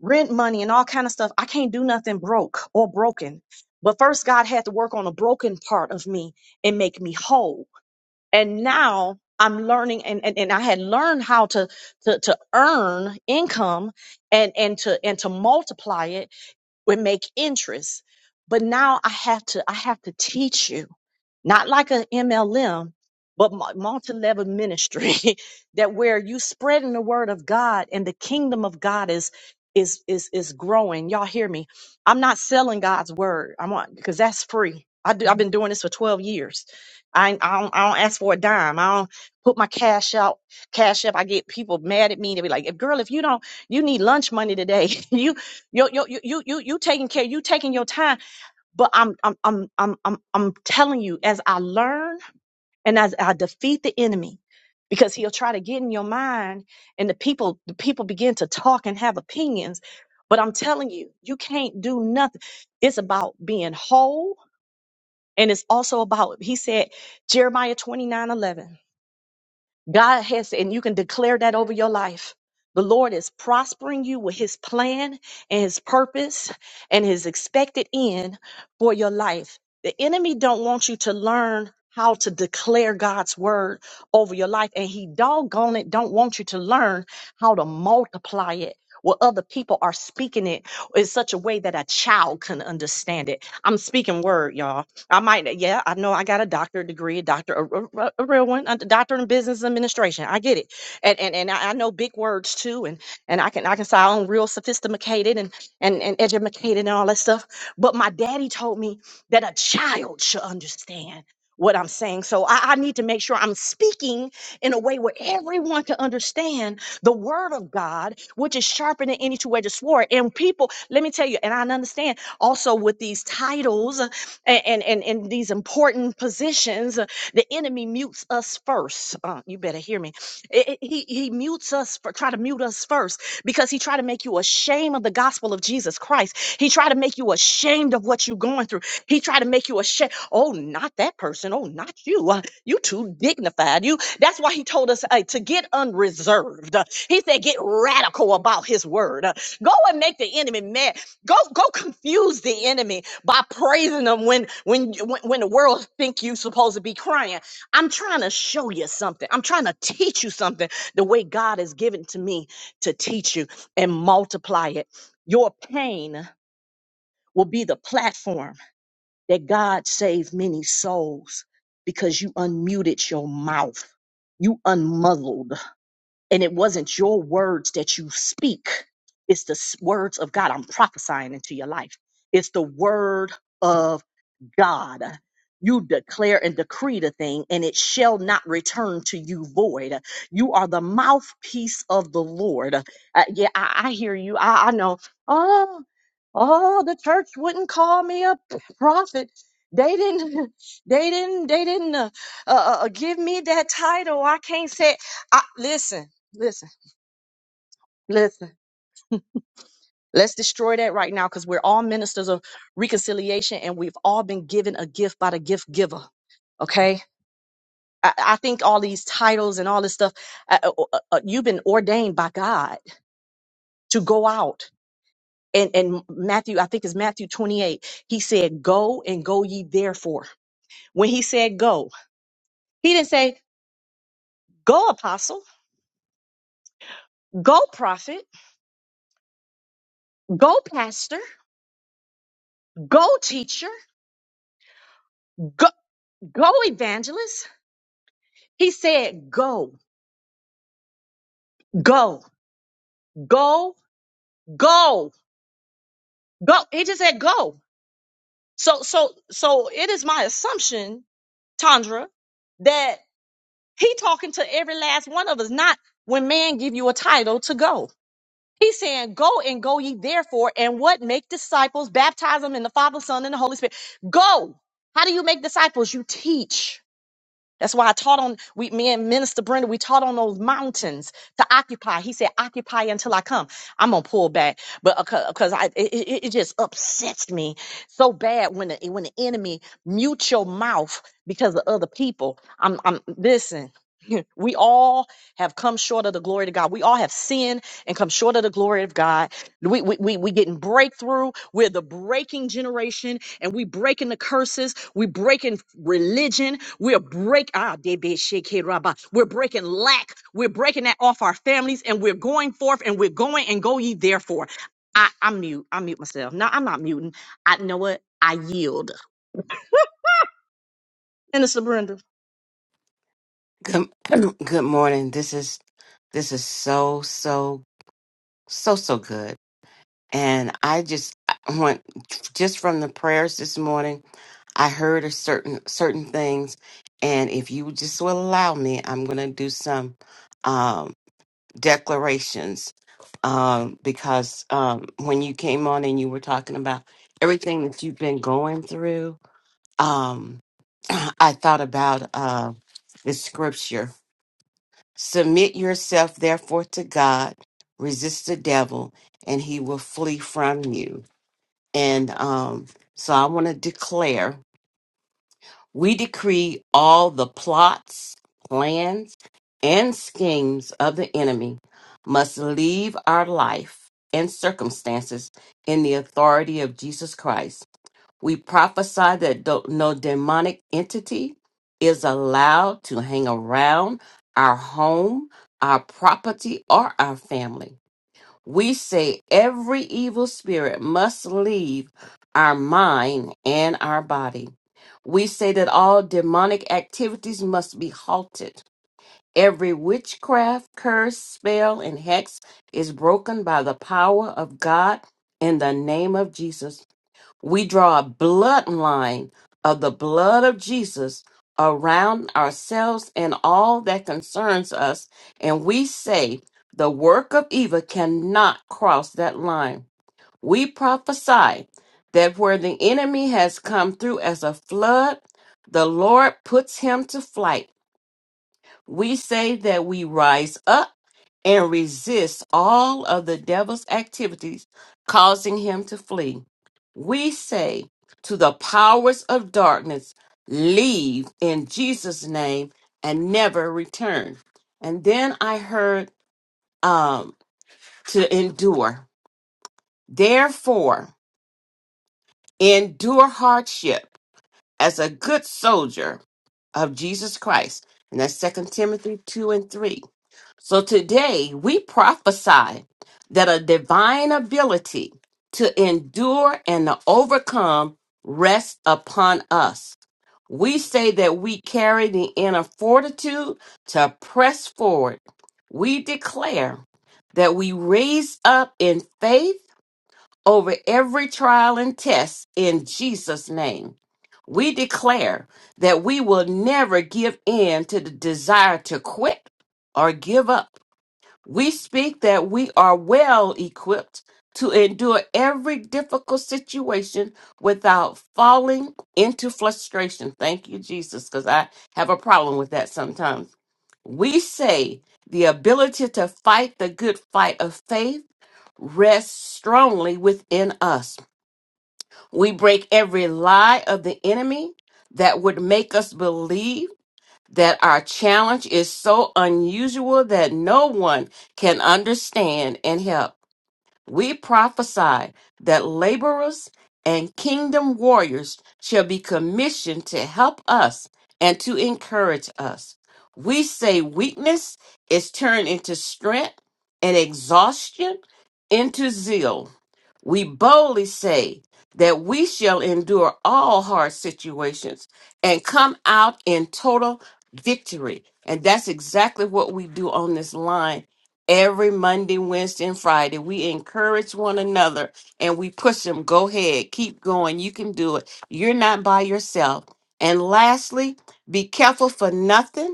rent money and all kind of stuff. I can't do nothing broke or broken. But first God had to work on a broken part of me and make me whole. And now I'm learning and, and, and I had learned how to, to to earn income and and to and to multiply it would make interest. But now I have to, I have to teach you, not like an MLM, but multi level ministry [laughs] that where you spreading the word of God and the kingdom of God is, is, is, is growing. Y'all hear me. I'm not selling God's word. I'm on, because that's free. I do, I've been doing this for 12 years. I, I, don't, I don't ask for a dime. I don't put my cash out, cash up. I get people mad at me. They be like, girl, if you don't, you need lunch money today. [laughs] you you you you you you you taking care, you taking your time. But I'm I'm I'm I'm I'm I'm telling you, as I learn and as I defeat the enemy, because he'll try to get in your mind, and the people the people begin to talk and have opinions. But I'm telling you, you can't do nothing. It's about being whole, and it's also about he said Jeremiah 29:11. God has, and you can declare that over your life. The Lord is prospering you with his plan and his purpose and his expected end for your life. The enemy don't want you to learn how to declare God's word over your life. And he doggone it don't want you to learn how to multiply it. Where other people are speaking it in such a way that a child can understand it. I'm speaking word, y'all. I might, yeah, I know I got a doctorate degree, a doctor, a, a, a real one, a doctorate in business administration. I get it, and and and I, I know big words too, and and I can I can sound real sophisticated and and and educated and all that stuff. But my daddy told me that a child should understand what I'm saying, so I, I need to make sure I'm speaking in a way where everyone can understand the word of God, which is sharper than any two-edged sword. And people, let me tell you, and I understand also with these titles and and in these important positions, uh, the enemy mutes us first. Uh, you better hear me. I- I- he he mutes us for try to mute us first because he tried to make you ashamed of the gospel of Jesus Christ. He tried to make you ashamed of what you're going through. He tried to make you ashamed. Oh, not that person. Oh, not you. Uh, you too dignified. You. That's why he told us uh, to get unreserved. Uh, He said get radical about his word. Uh, Go and make the enemy mad. Go go confuse the enemy by praising them when when when, when the world think you supposed to be crying. I'm trying to show you something. I'm trying to teach you something the way God has given to me to teach you and multiply it. Your pain will be the platform that God saved many souls because you unmuted your mouth. You unmuzzled. And it wasn't your words that you speak, it's the s- words of God. I'm prophesying into your life. It's the word of God. You declare and decree the thing, and it shall not return to you void. You are the mouthpiece of the Lord. Uh, yeah, I, I hear you. I, I know. Oh, oh, the church wouldn't call me a p- prophet. They didn't. [laughs] They didn't. They didn't uh, uh, uh, give me that title. I can't say. I, listen. Listen, listen. Let's destroy that right now because we're all ministers of reconciliation and we've all been given a gift by the gift giver. Okay. I, I think all these titles and all this stuff, uh, uh, uh, uh, you've been ordained by God to go out. And, and Matthew, I think it's Matthew 28, he said, Go and go ye therefore. When he said go, he didn't say, Go apostle, go prophet, go pastor, go teacher, go, go evangelist. He said, Go. go go go go he just said go so so so it is my assumption tandra that he talking to every last one of us not when man give you a title to go he's saying go and go ye therefore and what make disciples baptize them in the father son and the holy spirit go how do you make disciples you teach That's why I taught on we me and Minister Brenda, we taught on those mountains to occupy. He said, occupy until I come. I'm gonna pull back. But because I it, it it just upsets me so bad when the when the enemy mute your mouth because of other people. I'm I'm listen. [laughs] We all have come short of the glory to God. We all have sinned and come short of the glory of God. We we we we getting breakthrough. We're the breaking generation and we breaking the curses. We breaking religion. We're break ah debe sheke raba. We're breaking lack. We're breaking that off our families, and we're going forth, and we're going and go ye therefore. I, I'm mute. I mute myself. No, I'm not muting. I know what I yield. Minister Brenda.
Good, [clears throat] good morning. This is this is so so so so good. And I just I want just from the prayers this morning, I heard a certain certain things and if you just will allow me, I'm going to do some um declarations um because um when you came on and you were talking about everything that you've been going through, um [clears throat] I thought about uh the scripture Submit yourself therefore to God, resist the devil, and he will flee from you. And um, so I want to declare we decree all the plots, plans, and schemes of the enemy must leave our life and circumstances in the authority of Jesus Christ. We prophesy that do- no demonic entity is allowed to hang around our home, our property, or our family. We say every evil spirit must leave our mind and our body. We say that all demonic activities must be halted. Every witchcraft, curse, spell, and hex is broken by the power of God in the name of Jesus. We draw a bloodline of the blood of Jesus around ourselves and all that concerns us, and we say the work of evil cannot cross that line. We prophesy that where the enemy has come through as a flood, the Lord puts him to flight. We say that we rise up and resist all of the devil's activities, causing him to flee. We say to the powers of darkness, Leave in Jesus' name and never return. And then I heard um, to endure. Therefore, endure hardship as a good soldier of Jesus Christ. And that's Second Timothy 2 and 3. So today we prophesy that a divine ability to endure and to overcome rests upon us. We say that we carry the inner fortitude to press forward. We declare that we raise up in faith over every trial and test in Jesus' name. We declare that we will never give in to the desire to quit or give up we speak that we are well equipped to endure every difficult situation without falling into frustration. Thank you, Jesus, because I have a problem with that sometimes. We say the ability to fight the good fight of faith rests strongly within us. We break every lie of the enemy that would make us believe that our challenge is so unusual that no one can understand and help. We prophesy that laborers and kingdom warriors shall be commissioned to help us and to encourage us. We say weakness is turned into strength and exhaustion into zeal we boldly say that we shall endure all hard situations and come out in total victory. And that's exactly what we do on this line every Monday, Wednesday, and Friday. We encourage one another and we push them. Go ahead, keep going. You can do it. You're not by yourself. And lastly, be careful for nothing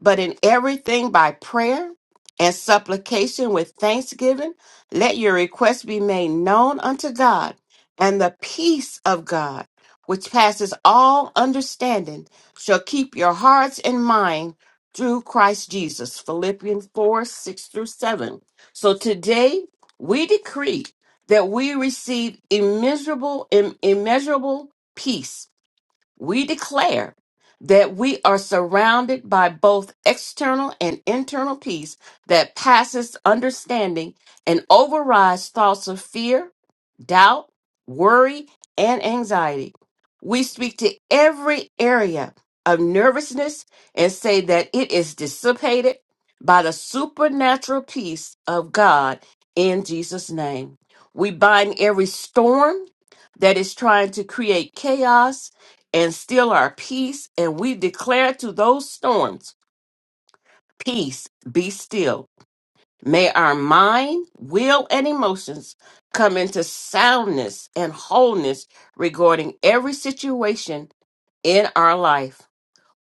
but in everything by prayer and supplication with thanksgiving, let your requests be made known unto God, and the peace of God, which passes all understanding, shall keep your hearts and mind through Christ Jesus. Philippians 4 6 through 7. So today we decree that we receive immeasurable, im- immeasurable peace we declare that we are surrounded by both external and internal peace that passes understanding and overrides thoughts of fear, doubt, worry, and anxiety. We speak to every area of nervousness and say that it is dissipated by the supernatural peace of God in Jesus' name. We bind every storm that is trying to create chaos and still our peace, and we declare to those storms, Peace, be still. May our mind, will, and emotions come into soundness and wholeness regarding every situation in our life.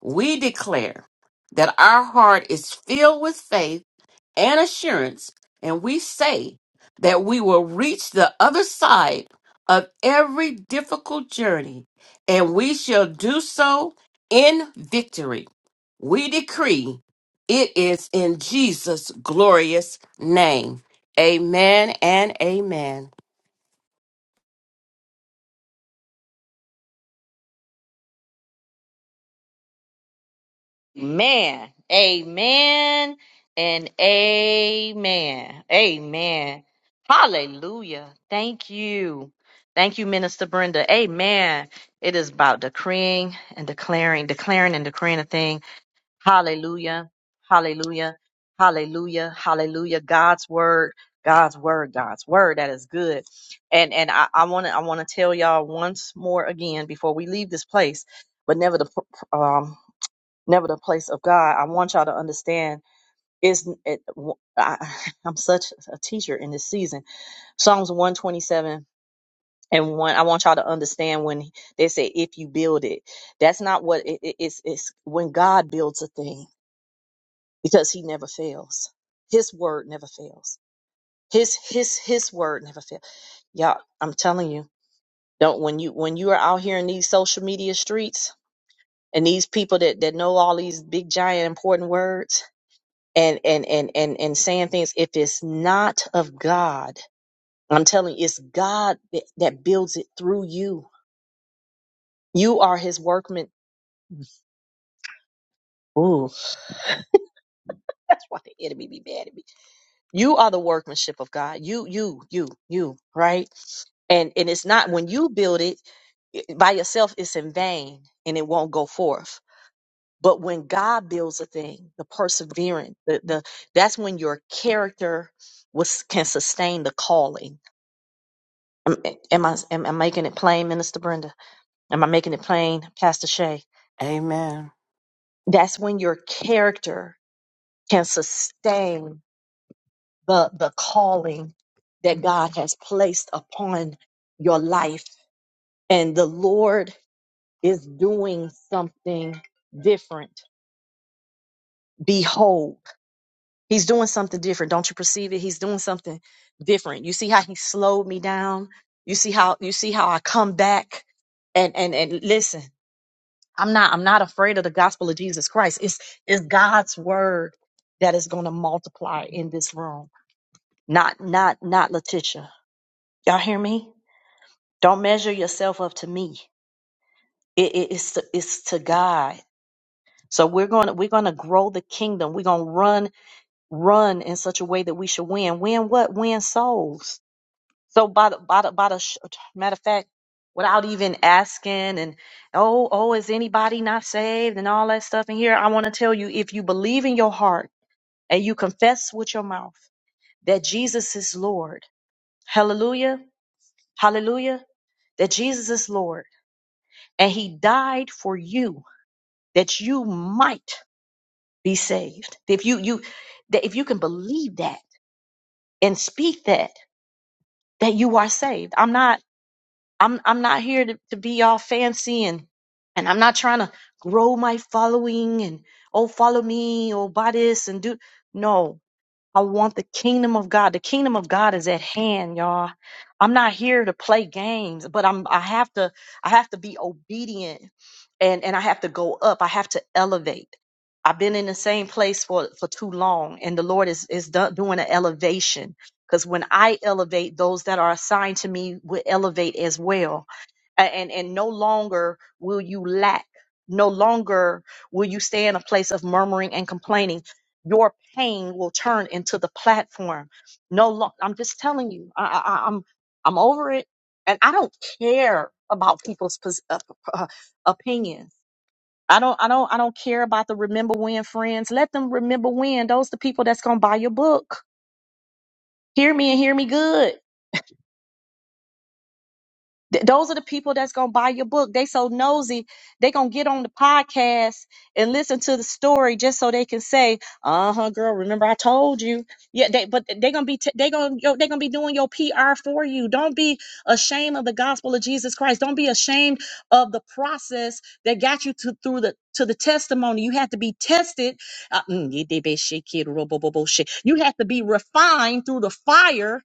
We declare that our heart is filled with faith and assurance, and we say that we will reach the other side of every difficult journey, and we shall do so in victory. We decree it is in Jesus' glorious name. Amen and amen.
Man, amen and amen. Amen. Hallelujah. Thank you. Thank you, Minister Brenda. Amen. It is about decreeing and declaring, declaring and decreeing a thing. Hallelujah. Hallelujah. Hallelujah. Hallelujah. God's word. God's word, God's word, that is good. And and I, wanna I wanna tell y'all once more again before we leave this place, but never the never the place of God. I want y'all to understand is it, I, [laughs] I'm such a teacher in this season. Psalms 127 and one. I want y'all to understand when they say, if you build it, that's not what it, it- it's, it's when God builds a thing because he never fails. His word never fails. His, his, his word never fails. Y'all, I'm telling you, don't, when you, when you are out here in these social media streets and these people that, that know all these big, giant, important words, and and and and and saying things if it's not of God. I'm telling you, it's God that, that builds it through you. You are His workman. Ooh, [laughs] that's why the enemy be mad at me. You are the workmanship of God. You, you, you, you, right? And and it's not when you build it it- by yourself. It's in vain and it won't go forth. But when God builds a thing, the perseverance, the, the that's when your character was can sustain the calling Am, am I am, am I making it plain, Minister Brenda? Am I making it plain, Pastor Shay?
Amen.
That's when your character can sustain the the calling that God has placed upon your life, and the Lord is doing something different. Behold, He's doing something different. Don't you perceive it? He's doing something different. You see how He slowed me down. You see how you see how I come back, and and and listen. I'm not I'm not afraid of the gospel of Jesus Christ. It's it's God's word that is going to multiply in this room. Not not not Letitia. Y'all hear me? Don't measure yourself up to me. It, it- it's to, it's to God. So we're going to we're going to grow the kingdom. We're going to run run in such a way that we should win. Win what? Win souls So by the by the by the sh- matter of fact, without even asking and oh oh is anybody not saved and all that stuff in here, I want to tell you if you believe in your heart and you confess with your mouth that Jesus is Lord, hallelujah, hallelujah, that Jesus is Lord and He died for you that you might be saved. If you you that if you can believe that and speak that that you are saved, I'm not. I'm I'm not here to, to be all fancy and and I'm not trying to grow my following and oh follow me, oh buy this and do no. I want the kingdom of God. The kingdom of God is at hand, y'all. I'm not here to play games, but I'm I have to I have to be obedient and and I have to go up. I have to elevate. I've been in the same place for for too long and the Lord is is do- doing an elevation because when I elevate, those that are assigned to me will elevate as well a- and and no longer will you lack no longer will you stay in a place of murmuring and complaining your pain will turn into the platform no lo- i'm just telling you I, I I- i'm i'm over it and i don't care about people's pos- uh, uh, opinions I don't, I don't, I don't care about the remember when friends. Let them remember when. Those the people that's gonna buy your book. Hear me and hear me good. Th- those are the people that's gonna buy your book. They so nosy, they gonna get on the podcast and listen to the story just so they can say, "Uh huh, girl, remember I told you." Yeah, they but they gonna be t- they gonna yo, they gonna be doing your PR for you. Don't be ashamed of the gospel of Jesus Christ. Don't be ashamed of the process that got you to through the to the testimony. You have to be tested. Uh, mm, yeah, they be shit, kid, ro- bo- bo- bo- shit. You have to be refined through the fire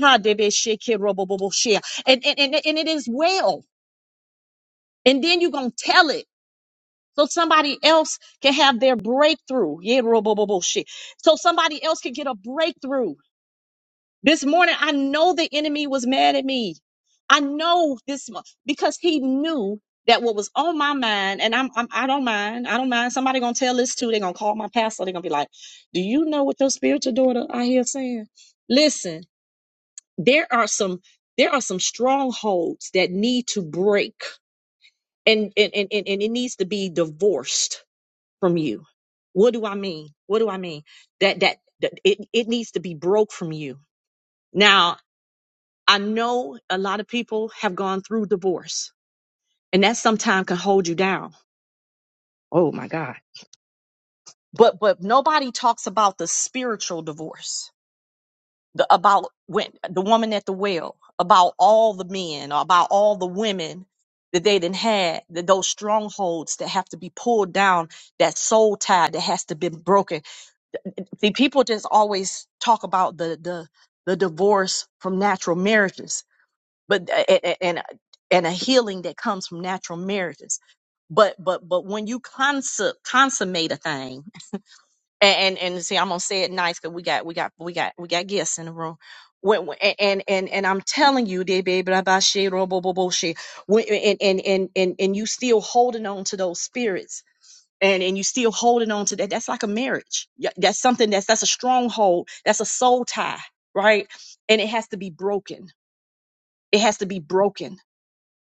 Ha, de be shit, kid, ro- bo- bo- bo- shit and and, and, and it is well. And then you're gonna tell it so somebody else can have their breakthrough. Yeah, bro, bro, bro, bro, shit. So somebody else can get a breakthrough. This morning, I know the enemy was mad at me. I know this mo- because he knew that what was on my mind, and I'm, I'm I don't mind. I don't mind. Somebody gonna tell this too. They're gonna call my pastor. They're gonna be like, "Do you know what your spiritual daughter I hear saying?" Listen, there are some there are some strongholds that need to break and and, and and and it needs to be divorced from you what do i mean what do i mean that that, that it, it needs to be broke from you now i know a lot of people have gone through divorce and that sometimes can hold you down oh my god but but nobody talks about the spiritual divorce the, about when the woman at the well, about all the men, or about all the women that they didn't had, that those strongholds that have to be pulled down, that soul tie that has to be broken. See, people just always talk about the the the divorce from natural marriages, but a- a- and and a healing that comes from natural marriages. But but but when you consu- consummate a thing and and, and see i'm gonna say it nice because we got we got we got we got guests in the room when, when- and and and I'm telling you, they be blah, blah, shit, ro- bo- bo- bo- shit. When- and and and and and you still holding on to those spirits, and and you still holding on to that. That's like a marriage. Yeah, That's something that's that's a stronghold. That's a soul tie, right? And it has to be broken. It has to be broken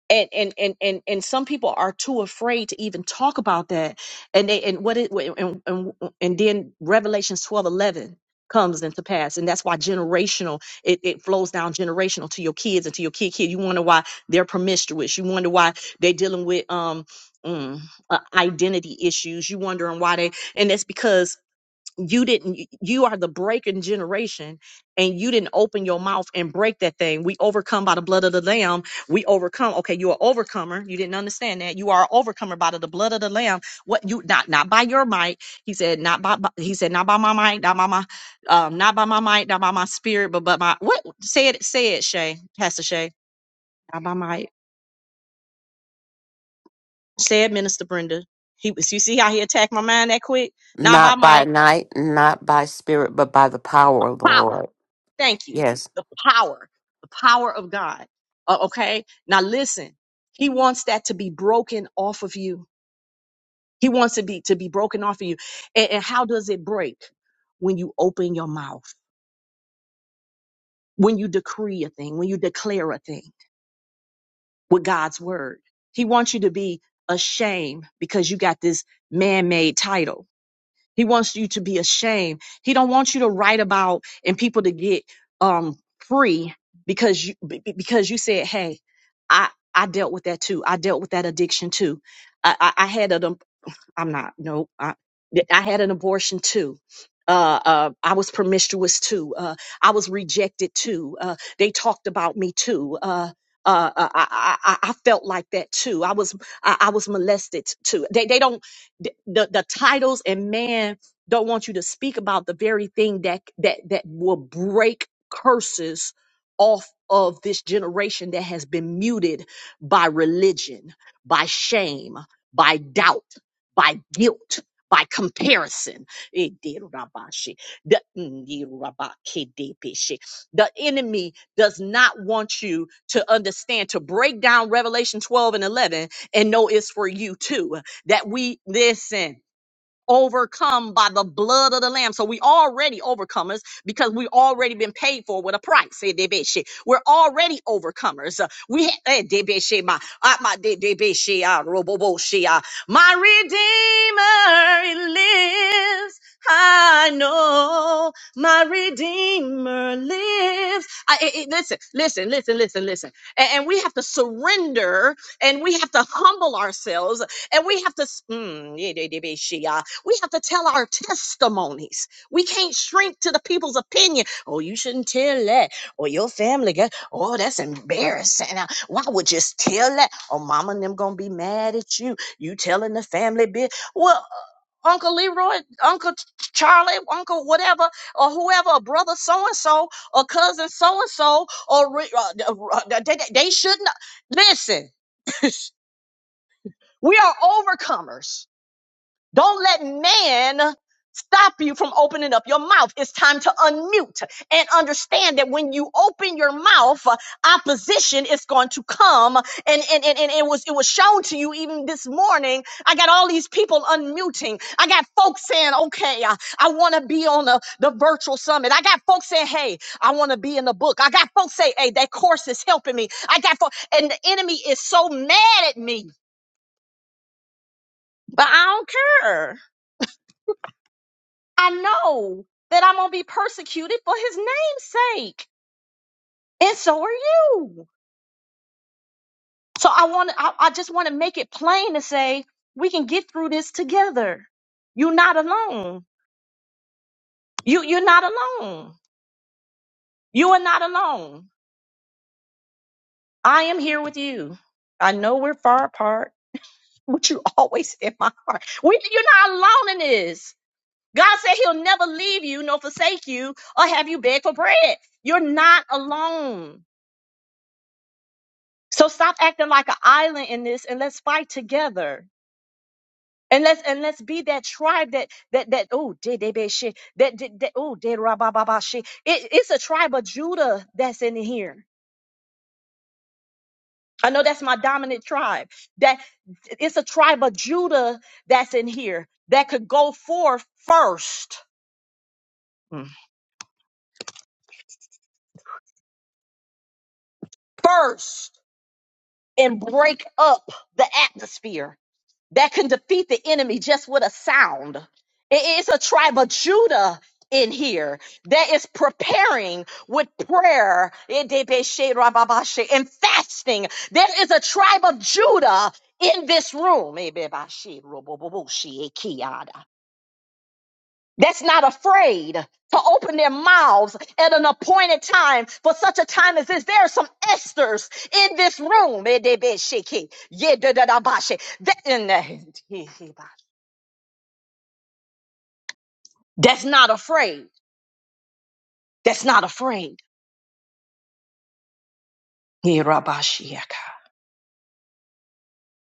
and and and and and some people are too afraid to even talk about that and they and what it and and, and then revelations twelve eleven comes into pass and that's why generational it, it flows down generational to your kids and to your kid kid you wonder why they're promiscuous you wonder why they're dealing with um mm, uh, identity issues you wondering why they and that's because you didn't y- you are the breaking generation and you didn't open your mouth and break that thing we overcome by the blood of the lamb we overcome okay you're an overcomer you didn't understand that you are an overcomer by the, the blood of the lamb what you not not by your might he said not by, by- he said not by my might not by my um not by my might not by my spirit but but my what say it say it shay pastor shay not by might say it minister brenda he was you see how he attacked my mind that quick not by
Not by
might
night, not by spirit, but by the power of the
power
Lord.
Thank you.
Yes.
The power, the power of God. Uh, okay. Now listen, he wants that to be broken off of you. He wants to be, to be broken off of you. And, and how does it break? When you open your mouth, when you decree a thing, when you declare a thing with God's word. He wants you to be ashamed because you got this man-made title He wants you to be ashamed. He don't want you to write about and people to get um free because you be- be- because you said, "Hey, I I dealt with that too. I dealt with that addiction too. I I, I had an." I'm not. No, I, I had an abortion too. Uh, uh, I was promiscuous too. Uh, I was rejected too. Uh, they talked about me too. Uh, uh, uh, I, I, I I felt like that too. I was, I, I was molested too. They, they don't, the, the the titles and man don't want you to speak about the very thing that, that, that will break curses off of this generation that has been muted by religion, by shame, by doubt by guilt, by comparison. Eh, The mm, The enemy does not want you to understand, to break down Revelation 12 and 11 and know it's for you too. That we listen overcome by the blood of the lamb so we already overcomers because we already been paid for with a price Eh, debeshe. we're already overcomers Uh, we ha- eh, debeshe, my ah, my de- debeshe, ah, roboboshe, ah. My redeemer lives i know my redeemer lives I, eh, eh, listen listen listen listen listen and, and we have to surrender and we have to humble ourselves and we have to s- mm, we have to tell our testimonies. We can't shrink to the people's opinion. Oh, you shouldn't tell that. Or your family, got, oh, that's embarrassing. Uh, Why would you s- tell that? Oh, mama and them going to be mad at you. You telling the family bit. Well, uh, Uncle Leroy, Uncle Ch- Charlie, Uncle whatever, or whoever, or brother so and so, or cousin so and so, or re- uh, d- uh, uh, they, they they shouldn't. Listen, [laughs] we are overcomers. Don't let man stop you from opening up your mouth. It's time to unmute and understand that when you open your mouth, uh, opposition is going to come. And, and, and, and it was, it was shown to you even this morning. I got all these people unmuting. I got folks saying, okay, uh, I want to be on the, the virtual summit. I got folks saying, hey, I want to be in the book. I got folks saying, hey, that course is helping me. I got, fo- and the enemy is so mad at me, but I don't care. I know that I'm gonna be persecuted for his name's sake. And so are you. So I want to, I, I just want to make it plain to say we can get through this together. You're not alone. You you're not alone. You are not alone. I am here with you. I know we're far apart, [laughs] but you always in my heart. We, you're not alone in this. God said he'll never leave you nor forsake you or have you beg for bread. You're not alone. So stop acting like an island in this and let's fight together. And let's and let's be that tribe that that that oh did they be shit that did that oh did rababa shit. It, it's a tribe of Judah that's in here. I know that's my dominant tribe. That it's a tribe of Judah that's in here that could go forth first, Mm. first and break up the atmosphere that can defeat the enemy just with a sound. I- It's a tribe of Judah in here that is preparing with prayer and fasting. There is a tribe of Judah in this room. That's not afraid to open their mouths at an appointed time for such a time as this. There are some Esther's in this room. That, [laughs] that's not afraid. That's not afraid. Yeah,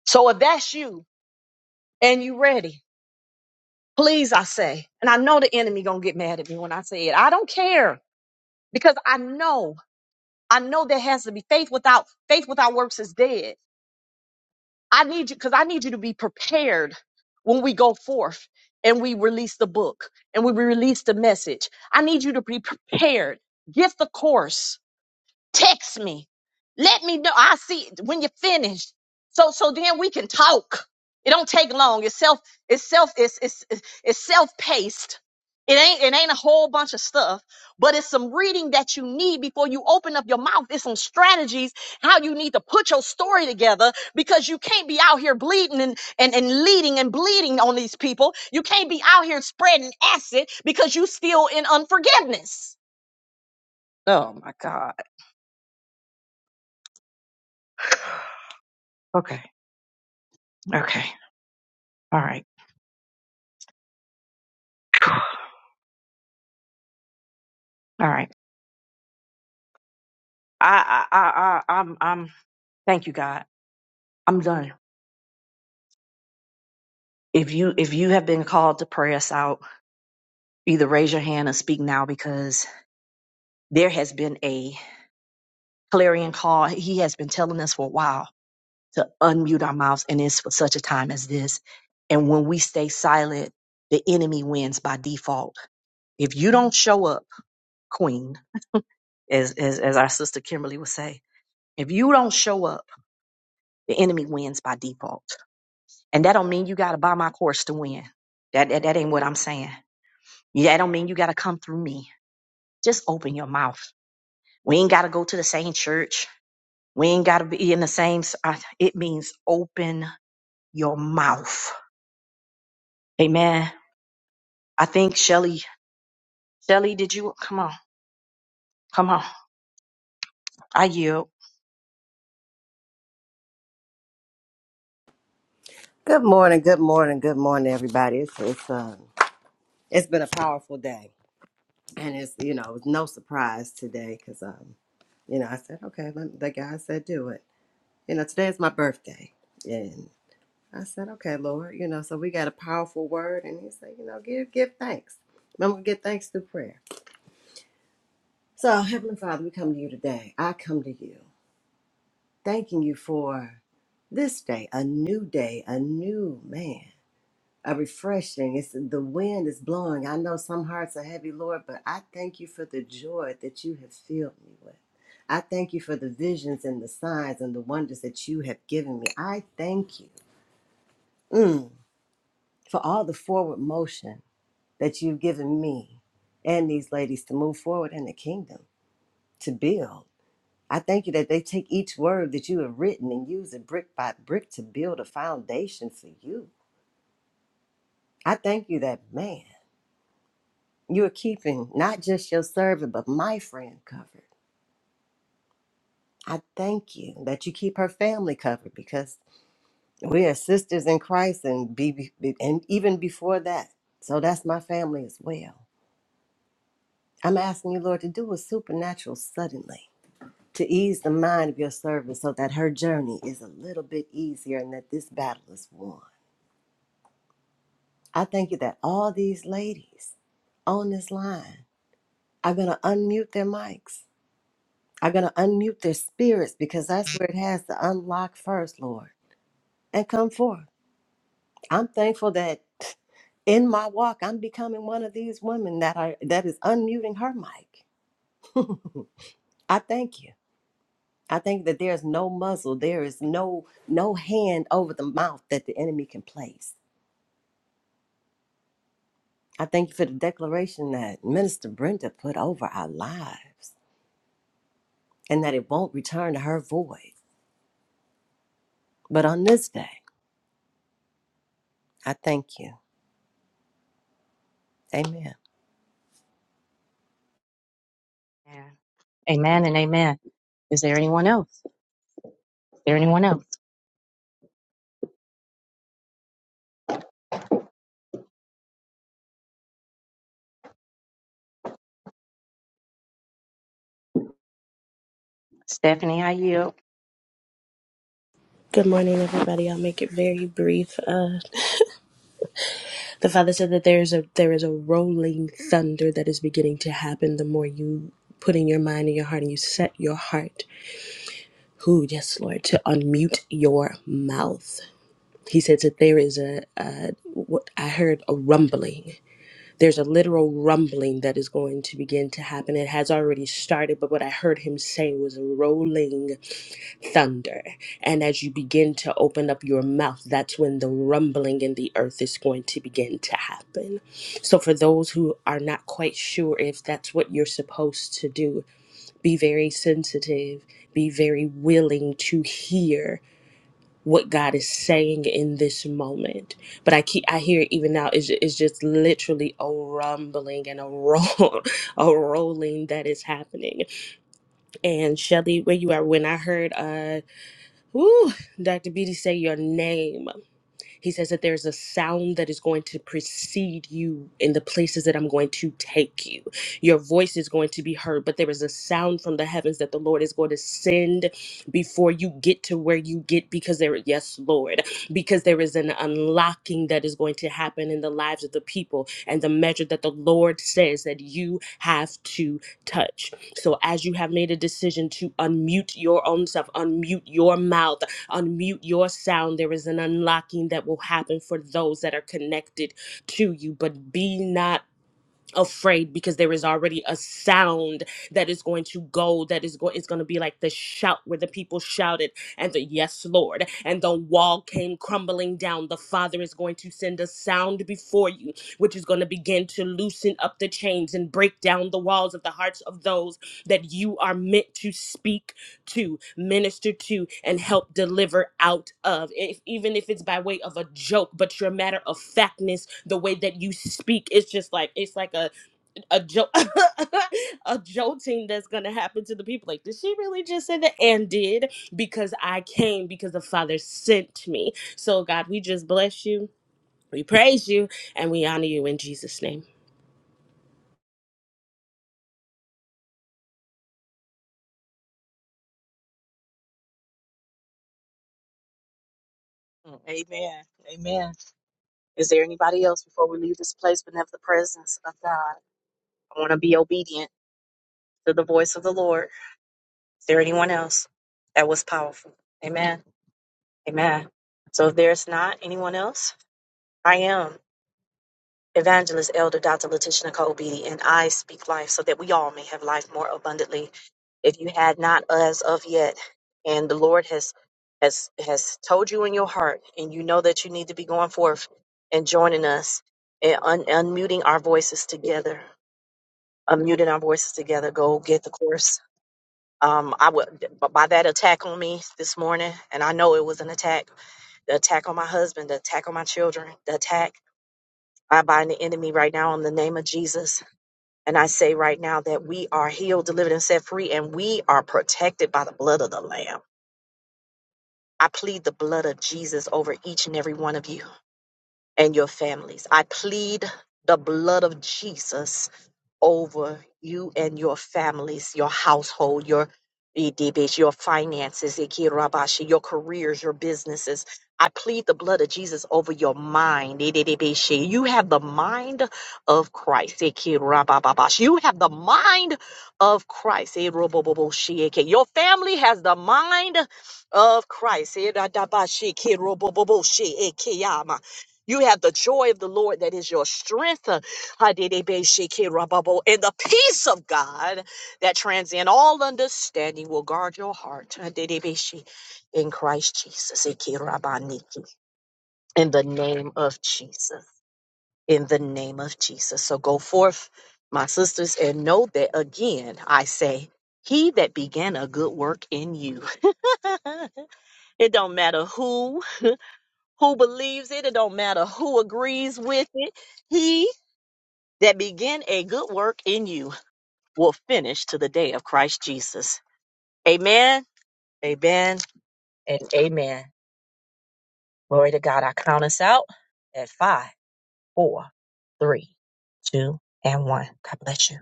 So if that's you and you ready, please I say, and I know the enemy gonna get mad at me when I say it. I don't care because I know, I know there has to be faith without faith without works is dead. I need you because I need you to be prepared when we go forth and we release the book and we release the message. I need you to be prepared. Get the course. Text me. Let me know. I see it when you're finished. So so then we can talk. It don't take long. It's self it's self it's it's it's self paced. It ain't it ain't a whole bunch of stuff, but it's some reading that you need before you open up your mouth. It's some strategies how you need to put your story together because you can't be out here bleeding and, and, and leading and bleeding on these people. You can't be out here spreading acid because you still in unforgiveness. Oh my God. Okay. Okay. All right. [sighs] All right. I, I, I, I, I'm, I'm, thank you, God. I'm done. If you, if you have been called to pray us out, either raise your hand and speak now because there has been a clarion call. He has been telling us for a while to unmute our mouths and it's for such a time as this. And when we stay silent, the enemy wins by default. If you don't show up, queen, as, as, as our sister Kimberly would say, if you don't show up, the enemy wins by default. And that don't mean you gotta buy my course to win. That that, that ain't what I'm saying. Yeah, That don't mean you gotta come through me. Just open your mouth. We ain't gotta go to the same church. We ain't gotta be in the same. s- I- It means open your mouth. Amen. I think Shelly, Shelly, did you come on? Come on. I yield.
Good morning, good morning, good morning, everybody. It's it's um it's been a powerful day, and it's you know it was no surprise today because um you know I said okay, let, the guy said do it. You know today is my birthday, and I said okay, Lord, you know so we got a powerful word, and He said you know give give thanks. Remember, we give thanks through prayer. So Heavenly Father, we come to you today. I come to you, thanking you for this day, a new day, a new man. a refreshing. It's the wind is blowing. I know some hearts are heavy, Lord, but I thank you for the joy that you have filled me with. I thank you for the visions and the signs and the wonders that you have given me. I thank you mm, for all the forward motion that you've given me and these ladies to move forward in the kingdom, to build. I thank you that they take each word that you have written and use it brick by brick to build a foundation for you. I thank you that, man. You are keeping not just your servant, but my friend covered. I thank you that you keep her family covered because we are sisters in Christ and, be, be- be- and even before that. So that's my family as well. I'm asking you, Lord, to do a supernatural suddenly to ease the mind of your servant so that her journey is a little bit easier and that this battle is won. I thank you that all these ladies on this line are going to unmute their mics are going to unmute their spirits because that's where it has to unlock first, Lord, and come forth. I'm thankful that [laughs] in my walk, I'm becoming one of these women that are that is unmuting her mic. [laughs] I thank you. I think that there's no muzzle, there is no no hand over the mouth that the enemy can place. I thank you for the declaration that Minister Brenda put over our lives and that it won't return to her void. But on this day, I thank you. Amen.
Amen and amen. Is there anyone else? Is there anyone else? Stephanie, I yield.
Good morning, everybody. I'll make it very brief. Uh, the father said that there's a there is a rolling thunder that is beginning to happen. The more you put in your mind and your heart, and you set your heart, who yes, Lord, to unmute your mouth. He says that there is a, a what I heard a rumbling. There's a literal rumbling that is going to begin to happen. It has already started, but what I heard him say was a rolling. thunder. And as you begin to open up your mouth, that's when the rumbling in the earth is going to begin to happen. So, for those who are not quite sure if that's what you're supposed to do, be very sensitive, be very willing to hear what God is saying in this moment. But I keep I hear it even now is it's ju- it's just literally a rumbling and a roll [laughs] a rolling that is happening. And Shelly, where you are when I heard uh Whew, Dr. Beatty say your name. He says that there's a sound that is going to precede you in the places that I'm going to take you. Your voice is going to be heard, but there is a sound from the heavens that the Lord is going to send before you get to where you get because there yes, Lord, because there is an unlocking that is going to happen in the lives of the people and the measure that the Lord says that you have to touch. So as you have made a decision to unmute your own self, unmute your mouth Unmute your sound. There is an unlocking that will happen for those that are connected to you, but be not afraid because there is already a sound that is going to go that is going it's going to be like the shout where the people shouted and the yes lord and the wall came crumbling down the father is going to send a sound before you which is going to begin to loosen up the chains and break down the walls of the hearts of those that you are meant to speak to minister to and help deliver out of if, even if it's by way of a joke but your matter of factness the way that you speak it's just like it's like a a joke [laughs] a jolting that's gonna happen to the people like did she really just say that and did because i came because the father sent me so god we just bless you we praise you and we honor you in jesus name
Amen. Amen. Is there anybody else before we leave this place but never the presence of God? I want to be obedient to the voice of the Lord. Is there anyone else? That was powerful. Amen. Amen. So if there's not anyone else, I am. Evangelist Elder Dr. Letitia Nicole Beatty, and I speak life so that we all may have life more abundantly. If you had not as of yet, and the Lord has has has told you in your heart, and you know that you need to be going forth and joining us and un- unmuting our voices together, unmuting our voices together. Go get the course. Um, I would by that attack on me this morning, and I know it was an attack the attack on my husband, the attack on my children, the attack. I bind the enemy right now in the name of Jesus. And I say right now that we are healed, delivered, and set free, and we are protected by the blood of the Lamb. I plead the blood of Jesus over each and every one of you and your families. I plead the blood of Jesus over you and your families, your household, your EDBs, your finances, Ikirabashi, your careers, your businesses. I plead the blood of Jesus over your mind. EDBs. You have the mind of Christ. Ikirabababashi. You have the mind of Christ. Eroboboboshi. Your family has the mind of Christ. Eradabashi. Kiroboboboshi. Ikiyama. You have the joy of the Lord that is your strength. Padidibishikirababo. And the peace of God that transcends all understanding will guard your heart Adidibishi, in Christ Jesus. Ikirabaniki. In the name of Jesus. In the name of Jesus. So go forth, my sisters, and know that again, I say, he that began a good work in you. [laughs] it don't matter who who believes it, it don't matter who agrees with it. He that began a good work in you will finish to the day of Christ Jesus. Amen, amen, and amen. Glory to God. I count us out at five, four, three, two, and one. God bless you.